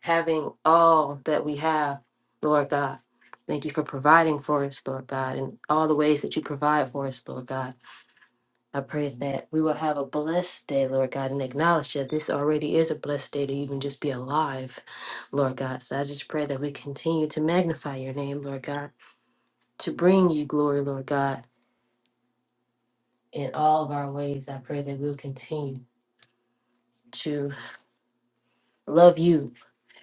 F: having all that we have, Lord God. Thank you for providing for us, Lord God, and all the ways that you provide for us, Lord God. I pray that we will have a blessed day, Lord God, and acknowledge that this already is a blessed day to even just be alive, Lord God. So I just pray that we continue to magnify your name, Lord God, to bring you glory, Lord God, in all of our ways. I pray that we'll continue to love you,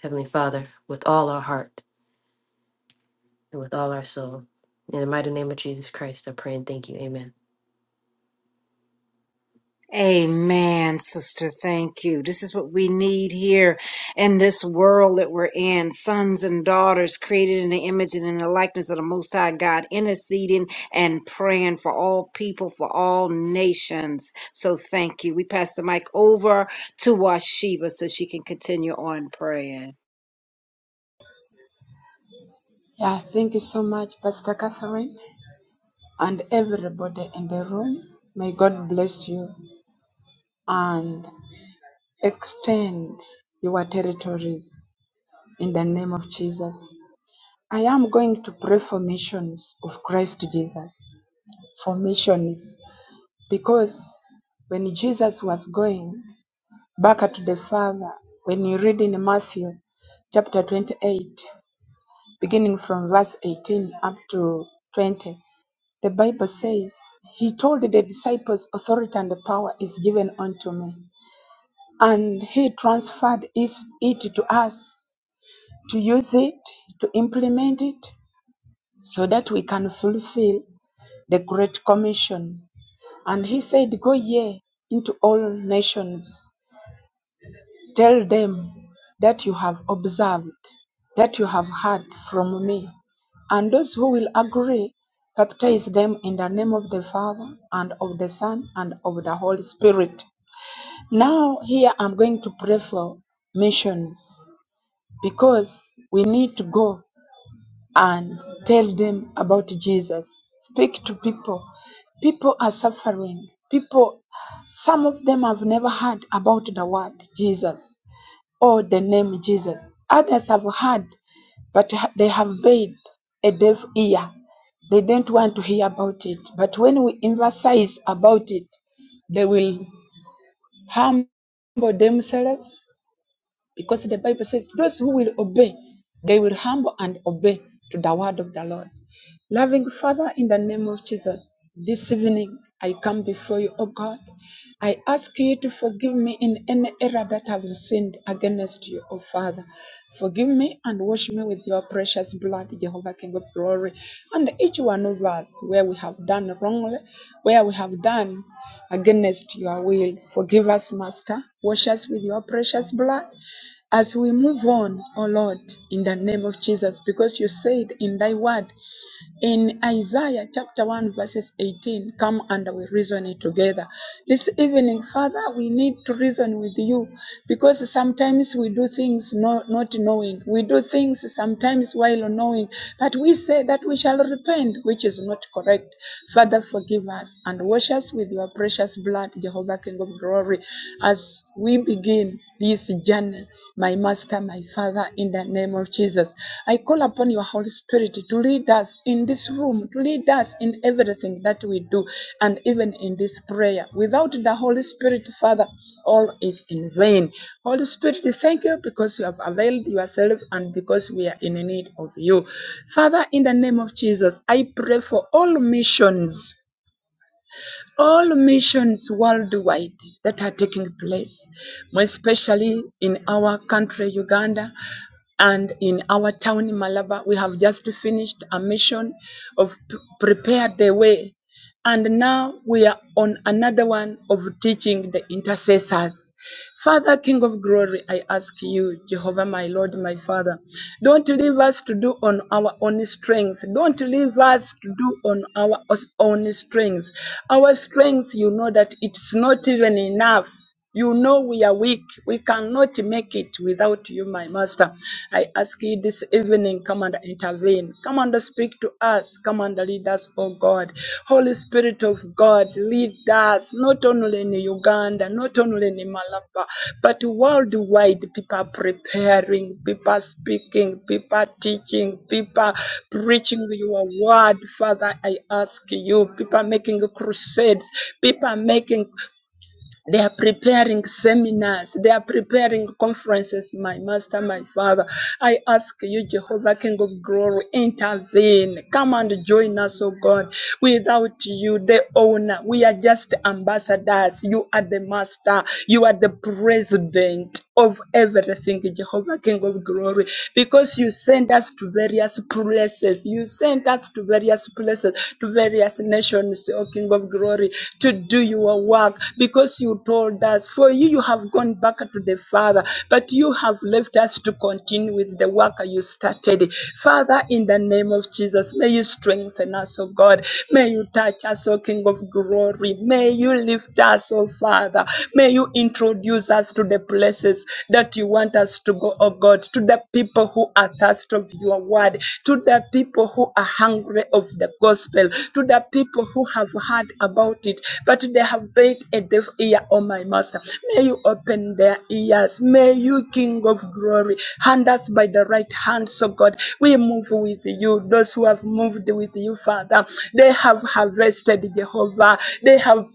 F: Heavenly Father, with all our heart and with all our soul. In the mighty name of Jesus Christ, I pray and thank you. Amen.
A: Amen, sister. Thank you. This is what we need here in this world that we're in. Sons and daughters created in the image and in the likeness of the Most High God, interceding and praying for all people, for all nations. So thank you. We pass the mic over to Washiba so she can continue on praying.
G: Yeah, thank you so much, Pastor Catherine, and everybody in the room. May God bless you and extend your territories in the name of Jesus. I am going to pray for missions of Christ Jesus, for missions, because when Jesus was going back to the Father, when you read in Matthew chapter 28, beginning from verse 18 up to 20, The Bible says, He told the disciples, Authority and power is given unto me. And He transferred is- it to us to use it, to implement it, so that we can fulfill the Great Commission. And He said, Go ye into all nations Tell them that you have observed, that you have heard from me. And those who will agree, baptize them in the name of the Father and of the Son and of the Holy Spirit. Now, here I'm going to pray for missions because we need to go and tell them about Jesus. Speak to people. People are suffering. People, some of them have never heard about the word Jesus or the name Jesus. Others have heard, but they have paid a deaf ear. They don't want to hear about it. But when we emphasize about it, they will humble themselves because the Bible says, those who will obey, they will humble and obey to the word of the Lord. Loving Father, in the name of Jesus, this evening I come before you, O God. I ask you to forgive me in any error that I've sinned against you, O Father. Forgive me and wash me with your precious blood, Jehovah King of glory. And each one of us, where we have done wrongly, where we have done against your will, forgive us, Master. Wash us with your precious blood as we move on, oh Lord, in the name of Jesus, because you said in thy word in Isaiah chapter 1, verses 18, come and we reason it together. This evening, Father, we need to reason with you because sometimes we do things no, not knowing. We do things sometimes while knowing, but we say that we shall repent, which is not correct. Father, forgive us and wash us with your precious blood, Jehovah King of glory, as we begin this journey, my Master, my Father, in the name of Jesus. I call upon your Holy Spirit to lead us in this room, to lead us in everything that we do, and even in this prayer. Without the Holy Spirit, Father, all is in vain. Holy Spirit, we thank you because you have availed yourself and because we are in need of you. Father, in the name of Jesus, I pray for all missions all missions worldwide that are taking place, especially in our country, Uganda, and in our town, Malaba. We have just finished a mission of p- prepare the way. And now we are on another one of teaching the intercessors. Father, King of glory, I ask you, Jehovah, my Lord, my Father, don't leave us to do on our own strength. Don't leave us to do on our own strength. Our strength, you know that it's not even enough. You know we are weak. We cannot make it without you, my master. I ask you this evening, come and intervene healing. Come and speak to us. Come and lead us, O God. Holy Spirit of God, lead us not only in Uganda, not only in Malaba, but worldwide. People are preparing, people are speaking, people are teaching, people are preaching your word. Father, I ask you, people are making crusades, people are making they are preparing seminars. They are preparing conferences, my master, my father. I ask you, Jehovah, King of glory, intervene. Come and join us, oh God. Without you, the owner, we are just ambassadors. You are the master. You are the president of everything, Jehovah, King of glory, because you send us to various places. You send us to various places, to various nations, O King of glory, to do your work, because you told us, for you, you have gone back to the Father, but you have left us to continue with the work you started. Father, in the name of Jesus, may you strengthen us, O God. May you touch us, O King of glory. May you lift us, O Father. May May you introduce us to the places that you want us to go, oh God, to the people who are thirsty of your word, to the people who are hungry of the gospel, to the people who have heard about it, but they have paid a deaf ear, oh my master. May you open their ears. May you, King of glory, hand us by the right hand, so God, we move with you. Those who have moved with you, Father, they have harvested, Jehovah. They have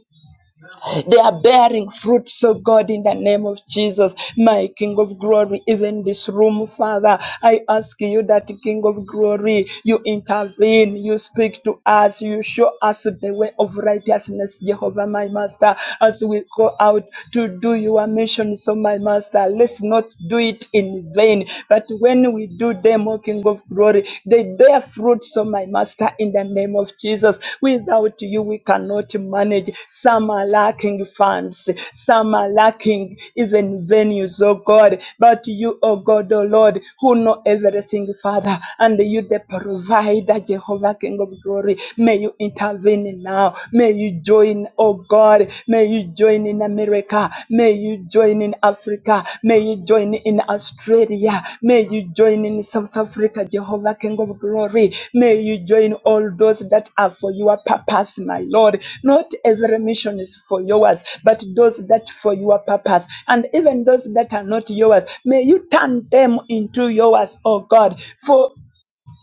G: they are bearing fruits, oh God, in the name of Jesus, my King of glory. Even this room, Father, I ask you that, King of glory, you intervene, you speak to us, you show us the way of righteousness, Jehovah, my Master, as we go out to do your mission. So, my Master, let's not do it in vain, but when we do them, O King of of glory. They bear fruits, oh my master, in the name of Jesus. Without you, we cannot manage. Some are lacking funds, some are lacking even venues, oh God. But you, oh God, oh Lord, who know everything, Father, and you the provider, Jehovah, King of glory. May you intervene now. May you join, oh God. May you you join in America. May you join in Africa. May you join in Australia. May you join in South Africa, Jehovah King of Glory. May you join all those that are for your purpose, my Lord. Not every mission is for yours, but those that for your purpose. And even those that are not yours, may you turn them into yours, oh God. For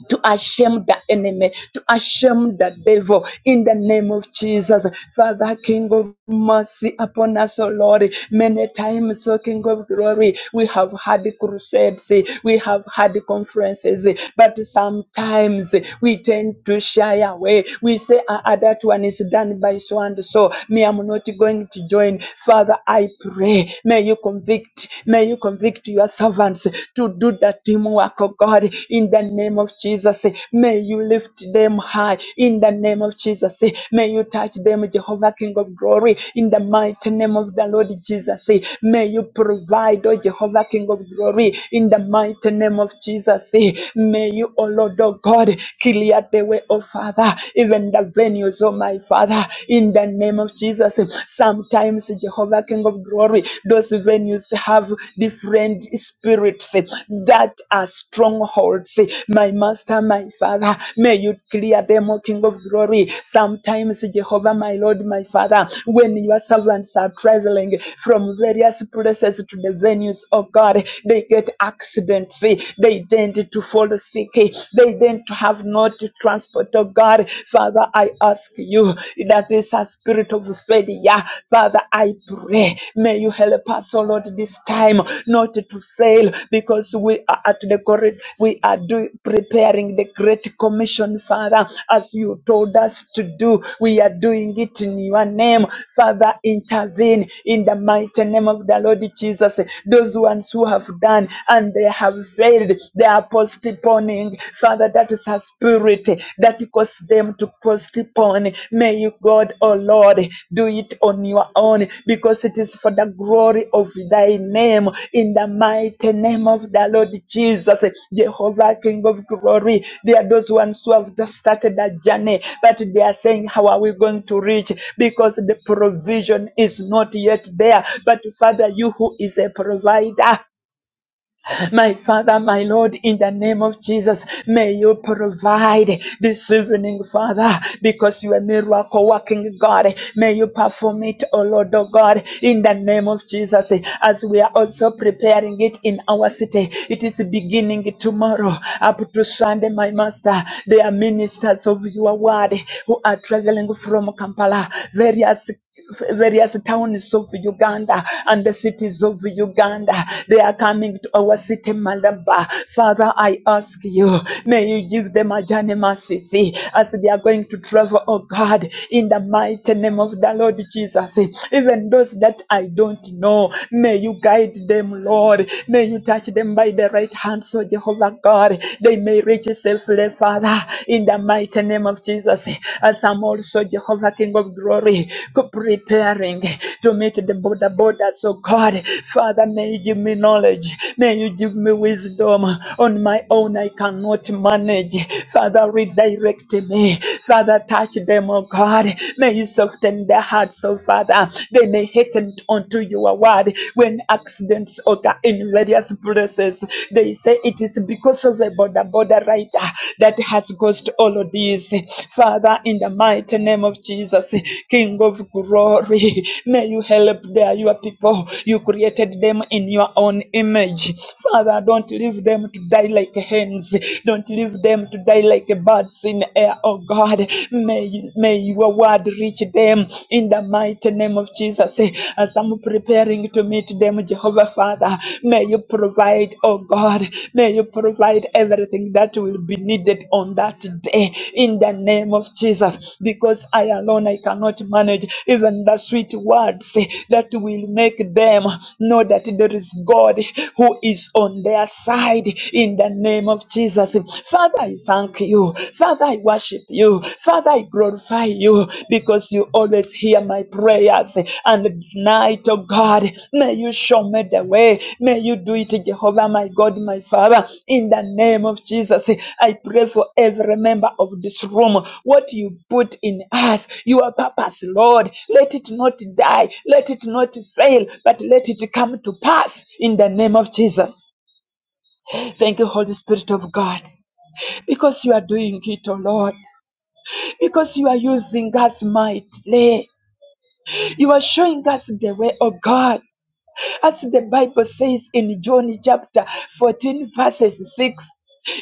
G: to ashamed the enemy, to ashamed the devil in the name of Jesus. Father, King of mercy upon us, O Lord. Many times, O King of glory, we have had crusades, we have had conferences, but sometimes we tend to shy away. We say, ah, ah, that one is done by so and so. Me, I'm not going to join. Father, I pray, may you convict, may you convict yourself your servants to do the teamwork, oh God, in the name of Jesus. May you lift them high in the name of Jesus. May you touch them, Jehovah, King of glory, in the mighty name of the Lord Jesus. May you provide, oh Jehovah, King of glory, in the mighty name of Jesus. May you, oh Lord, oh God, clear the way, oh Father, even the venues, oh my Father, in the name of Jesus. Sometimes Jehovah, King of glory, those venues have different spirits that are strongholds. My master, my father, may you clear them, O King of glory. Sometimes, Jehovah, my Lord, my father, when your servants are traveling from various places to the venues of God, they get accidents, they tend to fall sick, they tend to have not transport, oh God. Father, I ask you that is a spirit of failure. Father, I pray, may you help us, oh Lord, this time not to fail because we are at the correct, we are doing preparing the great commission, Father, as you told us to do. We are doing it in your name. Father, intervene in the mighty name of the Lord Jesus. Those ones who have done and they have failed, they are postponing anything, Father, that is her spirit that cause them to postpone. May you, God, oh Lord, do it on your own because it is for the glory of thy name. In the mighty name of the Lord Jesus, Jehovah, King of glory. There are those ones who have just started a journey, but they are saying, How are we going to reach? Because the provision is not yet there. But Father, you who is a provider, my Father, my Lord, in the name of Jesus, may you provide this evening, Father, because you are a miracle working God. May you perform it, O Lord, O God, in the name of Jesus, as we are also preparing it in our city. It is beginning tomorrow, up to Sunday, my Master. There are ministers of your word who are traveling from Kampala, various various towns of Uganda and the cities of Uganda. They are coming to our city, Malaba. Father, I ask you, may you give them a journey mercy see, as they are going to travel, oh God, in the mighty name of the Lord Jesus. Even those that I don't know, may you guide them, Lord. May you touch them by the right hand, so Jehovah God, they may reach safely, Father, in the mighty name of Jesus. As I'm also Jehovah King of Glory, preparing to meet the border borders. So God, Father, may you give me knowledge. May you give me wisdom. On my own, I cannot manage. Father, redirect me. Father, touch them, oh God. May you soften their hearts, oh Father. They may hearken unto your word when accidents occur in various us blesses. They say it is because of the border border rider that has caused all of this. Father, in the mighty name of Jesus, King of glory, may you help their your people. You created them in your own image. Father, don't leave them to die like hens. Don't leave them to die like birds in air, oh God. May, may your word reach them in the mighty name mighty name of Jesus. Eh, As I'm preparing to meet them, Jehovah Father, may you provide, oh God, may you provide everything that will be needed on that day in the name of Jesus. Because I alone I cannot manage even the sweet words eh, that will make them know that there is God who is on their side in the name of Jesus. Father, I thank you. Father, I worship you. Father, I glorify you because you always hear my prayers. And tonight, oh God, may you show me the way. May you do it, Jehovah, my God, my Father. In the name of Jesus, I pray for every member of this room. What you put in us, your purpose, Lord, let it not die, let it not fail, but let it come to pass in the name of Jesus. Thank you, Holy Spirit of God, because you are doing it, oh Lord because you are using God's might. there. You are showing us the way of God. As the Bible says in John chapter 14, verses 6,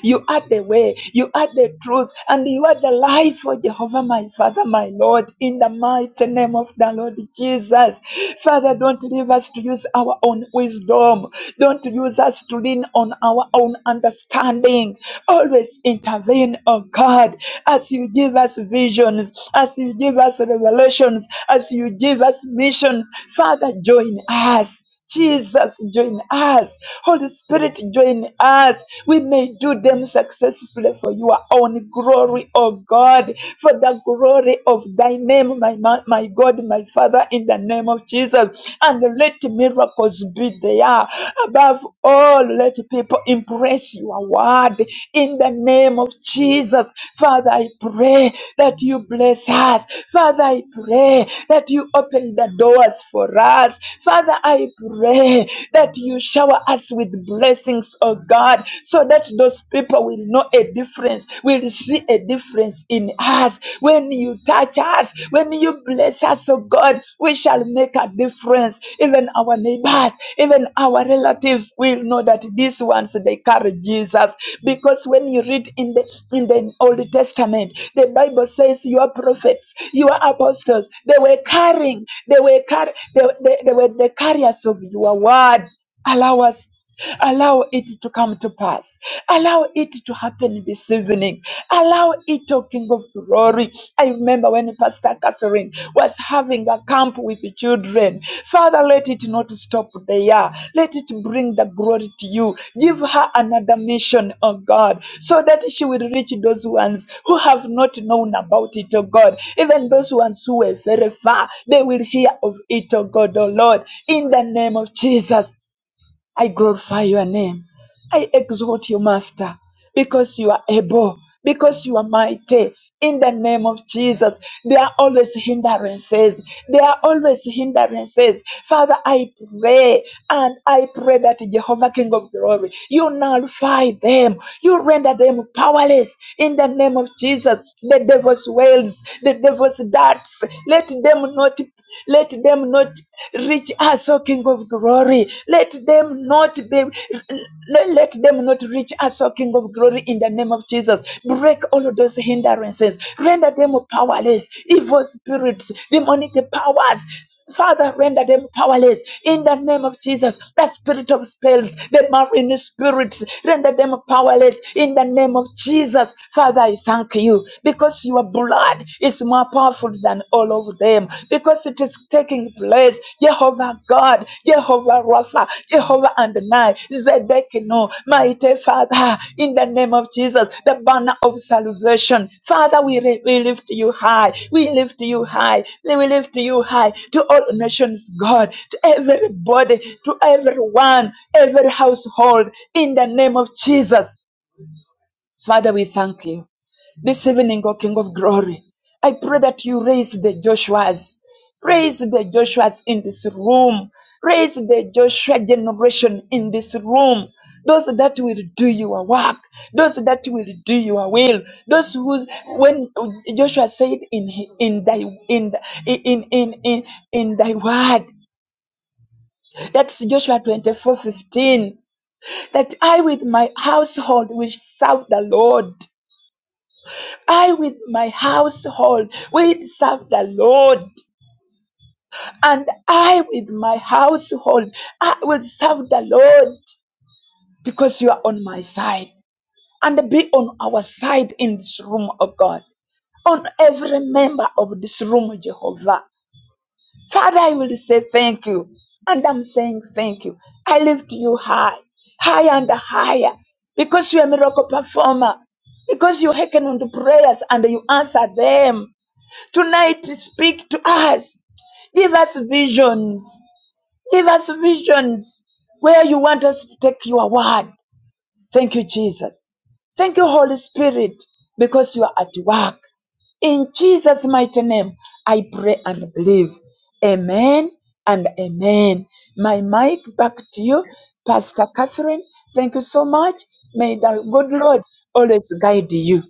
G: you are the way, you are the truth, and you are the life, oh Jehovah, my Father, my Lord, in the mighty name of the Lord Jesus. Father, don't leave us to use our own wisdom. Don't use us to lean on our own understanding. Always intervene, O God, as you give us visions, as you give us revelations, as you give us missions. Father, join us. Jesus, join us. Holy Spirit, join us. We may do them successfully for your own glory, O God, for the glory of thy name, my, ma- my God, my Father, in the name of Jesus. And let miracles be there. Above all, let people impress your word in the name of Jesus. Father, I pray that you bless us. Father, I pray that you open the doors for us. Father, I pray that you shower us with blessings, oh God, so that those people will know a difference, will see a difference in us. When you touch us, when you bless us, oh God, we shall make a difference. Even our neighbors, us, even our relatives will know that these ones they carry Jesus. Because when you read in the in the Old Testament, the Bible says your prophets, your apostles, they were carrying, they were car- they, they, they were the carriers of your word. Allow us. Allow it to come to pass. Allow it to happen this evening. Allow it, O King of Glory. I remember when Pastor Catherine was having a camp with the children. Father, let it not stop there. Let it bring the glory to you. Give her another mission, O God, so that she will reach those ones who have not known about it, O God. Even those ones who were very far, they will hear of it, O God, O Lord. In the name of Jesus. I glorify your name. I exalt you, Master, because you are able, because you are mighty. In the name of Jesus, there are always hindrances. There are always hindrances. Father, I pray and I pray that Jehovah, King of glory, you nullify them. You render them powerless. In the name of Jesus, the devil's wails, the devil's darts, let them not let them not reach us, O King of glory. Let them not be, let them not reach us, O King of glory, in the name of Jesus. Break all of those hindrances. Render them powerless. Evil spirits, demonic powers, Father, render them powerless in the name of Jesus. The spirit of spells, the marine spirits, render them powerless in the name of Jesus. Father, I thank you because your blood is more powerful than all of them because it is taking place. Jehovah God, Jehovah Rapha, Jehovah Adonai, Zedekino, mighty Father, in the name of Jesus, the banner of salvation. Father, we, li- we lift you high. We lift you high. We lift you high to all nations, God, to everybody, to everyone, every household, in the name of Jesus. Father, we thank you. This evening, O King of Glory, I pray that you raise the Joshuas. Raise the Joshuas in this room. Raise the Joshua generation in this room. Those that will do your work, those that will do your will, those who, when Joshua said in in thy in in in in, in thy word, that's Joshua twenty four fifteen, that I with my household will serve the Lord. I with my household will serve the Lord. And I with my household, I will serve the Lord because you are on my side. And be on our side in this room, oh God. On every member of this room, Jehovah. Father, I will say thank you. And I'm saying thank you. I lift you high, higher and higher because you're a miracle performer because you hearken unto prayers and you answer them. Tonight, speak to us. Give us visions. Give us visions where you want us to take your word. Thank you, Jesus. Thank you, Holy Spirit, because you are at work. In Jesus' mighty name, I pray and believe. Amen and amen. My mic back to you, Pastor Catherine. Thank you so much. May the good Lord always guide you.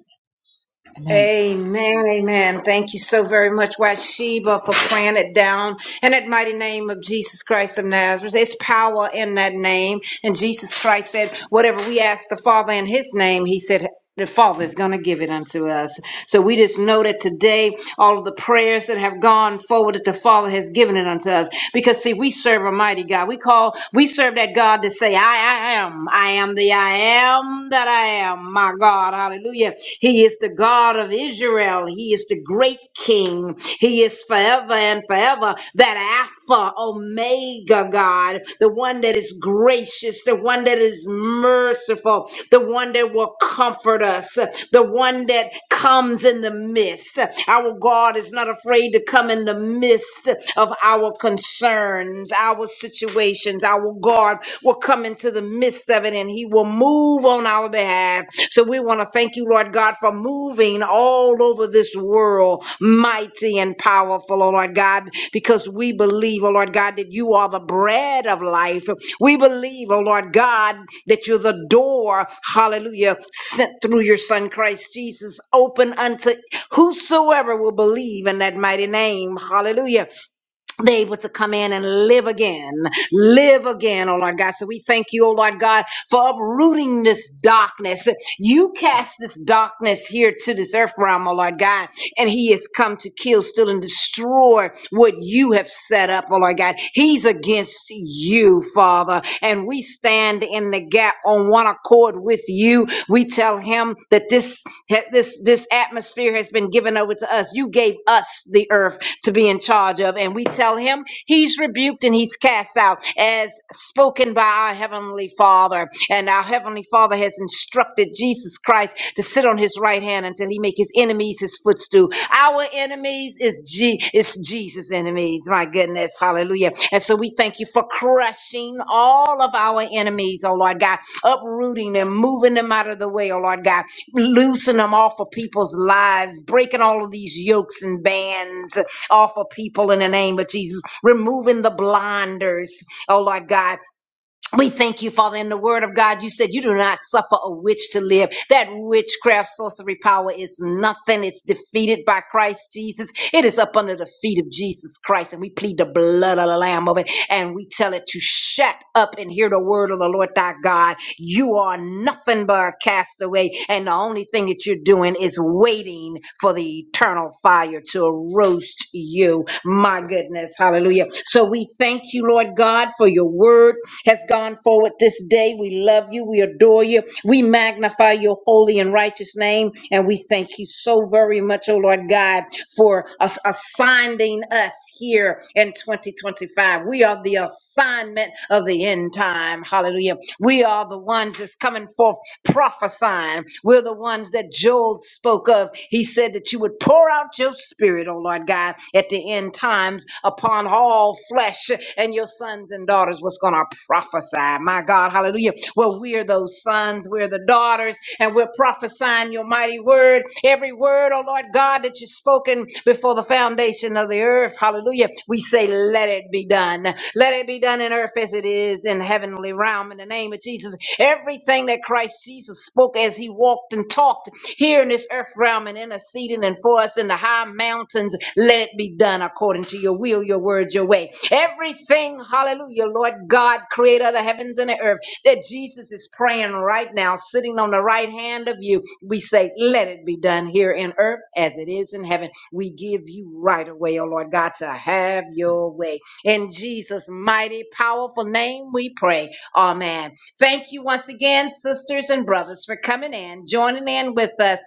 G: Amen.
A: Amen, amen. Thank you so very much, Washiba, for praying it down in that mighty name of Jesus Christ of Nazareth. There's power in that name. And Jesus Christ said, Whatever we ask the Father in His name, He said, the Father is going to give it unto us. So we just know that today, all of the prayers that have gone forward, that the Father has given it unto us. Because see, we serve a mighty God. We call, we serve that God to say, I, I am. I am the I am am that I am, my God. Hallelujah. He is the God of Israel. He is the great King. He is forever and forever that Alpha, Omega God, the one that is gracious, the one that is merciful, the one that will comfort us, the one that comes in the midst. Our God is not afraid to come in the midst of our concerns, our situations, Our our God will come into the midst of it and he will move on our behalf. So we want to thank you, Lord God, for moving all over this world, mighty and powerful, oh Lord God, because we believe, oh Lord God, that you are the bread of life. We believe, oh Lord God, that you're the door, hallelujah, sent through your son Christ Jesus, open unto whosoever will believe in that mighty name, hallelujah they're able to come in and live again, live again, oh Lord God. So we thank you, oh Lord God, for uprooting this darkness. You cast this darkness here to this earth realm, oh Lord God, and He has come to kill, steal, and destroy what you have set up, oh Lord God. He's against you, Father, and we stand in the gap on on one accord with you. We tell him that this this this atmosphere has been given over to us. You gave us the earth to be in charge of, and we tell him he's rebuked and he's cast out as spoken by our heavenly Father. And our heavenly Father has instructed Jesus Christ to sit on his right hand until he make his enemies his footstool do. Our enemies is G is Jesus' enemies. My goodness, hallelujah. And so we thank you for crushing all of our enemies, oh Lord God, uprooting them, moving them out of the way, oh Lord God, loosen them off of people's lives, breaking all of these yokes and bands off of people in the name of Jesus, removing the blinders, oh Lord God we thank you, Father. In the word of God, you said you do not suffer a witch to live. That witchcraft sorcery power is nothing. It's defeated by Christ Jesus. It is up under the feet of Jesus Christ. And we plead the blood of the Lamb of it. And we tell it to shut up and hear the word of the Lord thy God. You are nothing but a castaway. And the only thing that you're doing is waiting for the eternal fire to roast you. My goodness. Hallelujah. So we thank you, Lord God, for your word has gone forward this day. We love you. We adore you. We magnify your holy and righteous name. And we thank you so very much, oh Lord God, for us assigning us here in 2025. We are the assignment of the end time. Hallelujah. We are the ones that's coming forth prophesying. We're the ones that Joel spoke of. He said that you would pour out your spirit, oh Lord God, at the end times upon all flesh, and your sons and daughters was going to prophesy. My God, hallelujah. Well, we're those sons, we're the daughters, and we're prophesying your mighty word. Every word, oh Lord God, that you've spoken before the foundation of the earth. Hallelujah. We say, let it be done. Let it be done in earth as it is in heavenly realm in the name of Jesus. Everything that Christ Jesus spoke as he walked and talked here in this earth realm and interceding and for us in the high mountains, let it be done according to your will, your words, your way. Everything, hallelujah, Lord God, creator of the heavens and the earth that Jesus is praying right now, sitting on the right hand of you. We say, Let it be done here in earth as it is in heaven. We give you right away, oh Lord God, to have your way. In Jesus' mighty, powerful name, we pray. Amen. Thank you once again, sisters and brothers, for coming in, joining in with us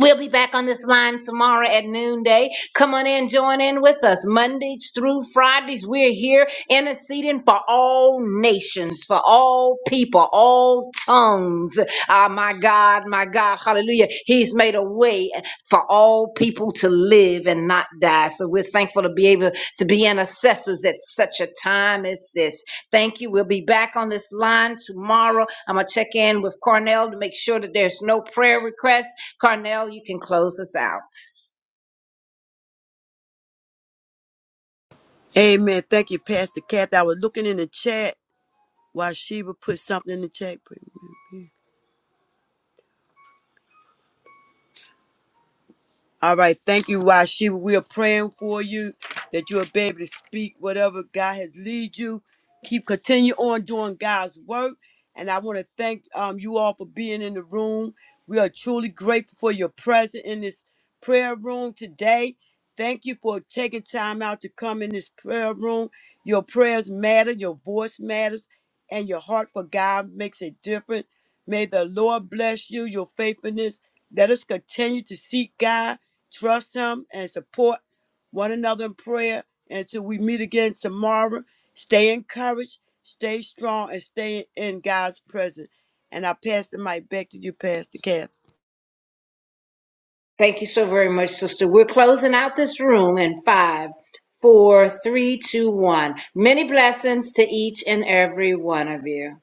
A: We'll be back on this line tomorrow at noonday. Come on in, join in with us. Mondays through Fridays, we're here interceding for all nations, for all people, all tongues. Ah, my God, my God, hallelujah. He's made a way for all people to live and not die. So we're thankful to be able to be intercessors at such a time as this. Thank you. We'll be back on this line tomorrow. I'm going to check in with Cornell to make sure that there's no prayer requests. Carnell, you can close us out.
B: Amen. Thank you, Pastor Kathy. I was looking in the chat while Sheba put something in the chat. All right. Thank you, Washiba. We are praying for you that you'll be able to speak whatever God has lead you. Keep continue on doing God's work. And I want to thank um, you all for being in the room. We are truly grateful for your presence in this prayer room today. Thank you for taking time out to come in this prayer room. Your prayers matter, your voice matters, and your heart for God makes a difference. May the Lord bless you, your faithfulness let us continue to seek God, trust Him, and support one another in prayer until we meet again tomorrow. Stay encouraged, stay strong, and stay in God's presence. And I pass the mic back to you, Pastor Kathy.
A: Thank you so very much, sister. We're closing out this room in five, four, three, two, one. Many blessings to each and every one of you.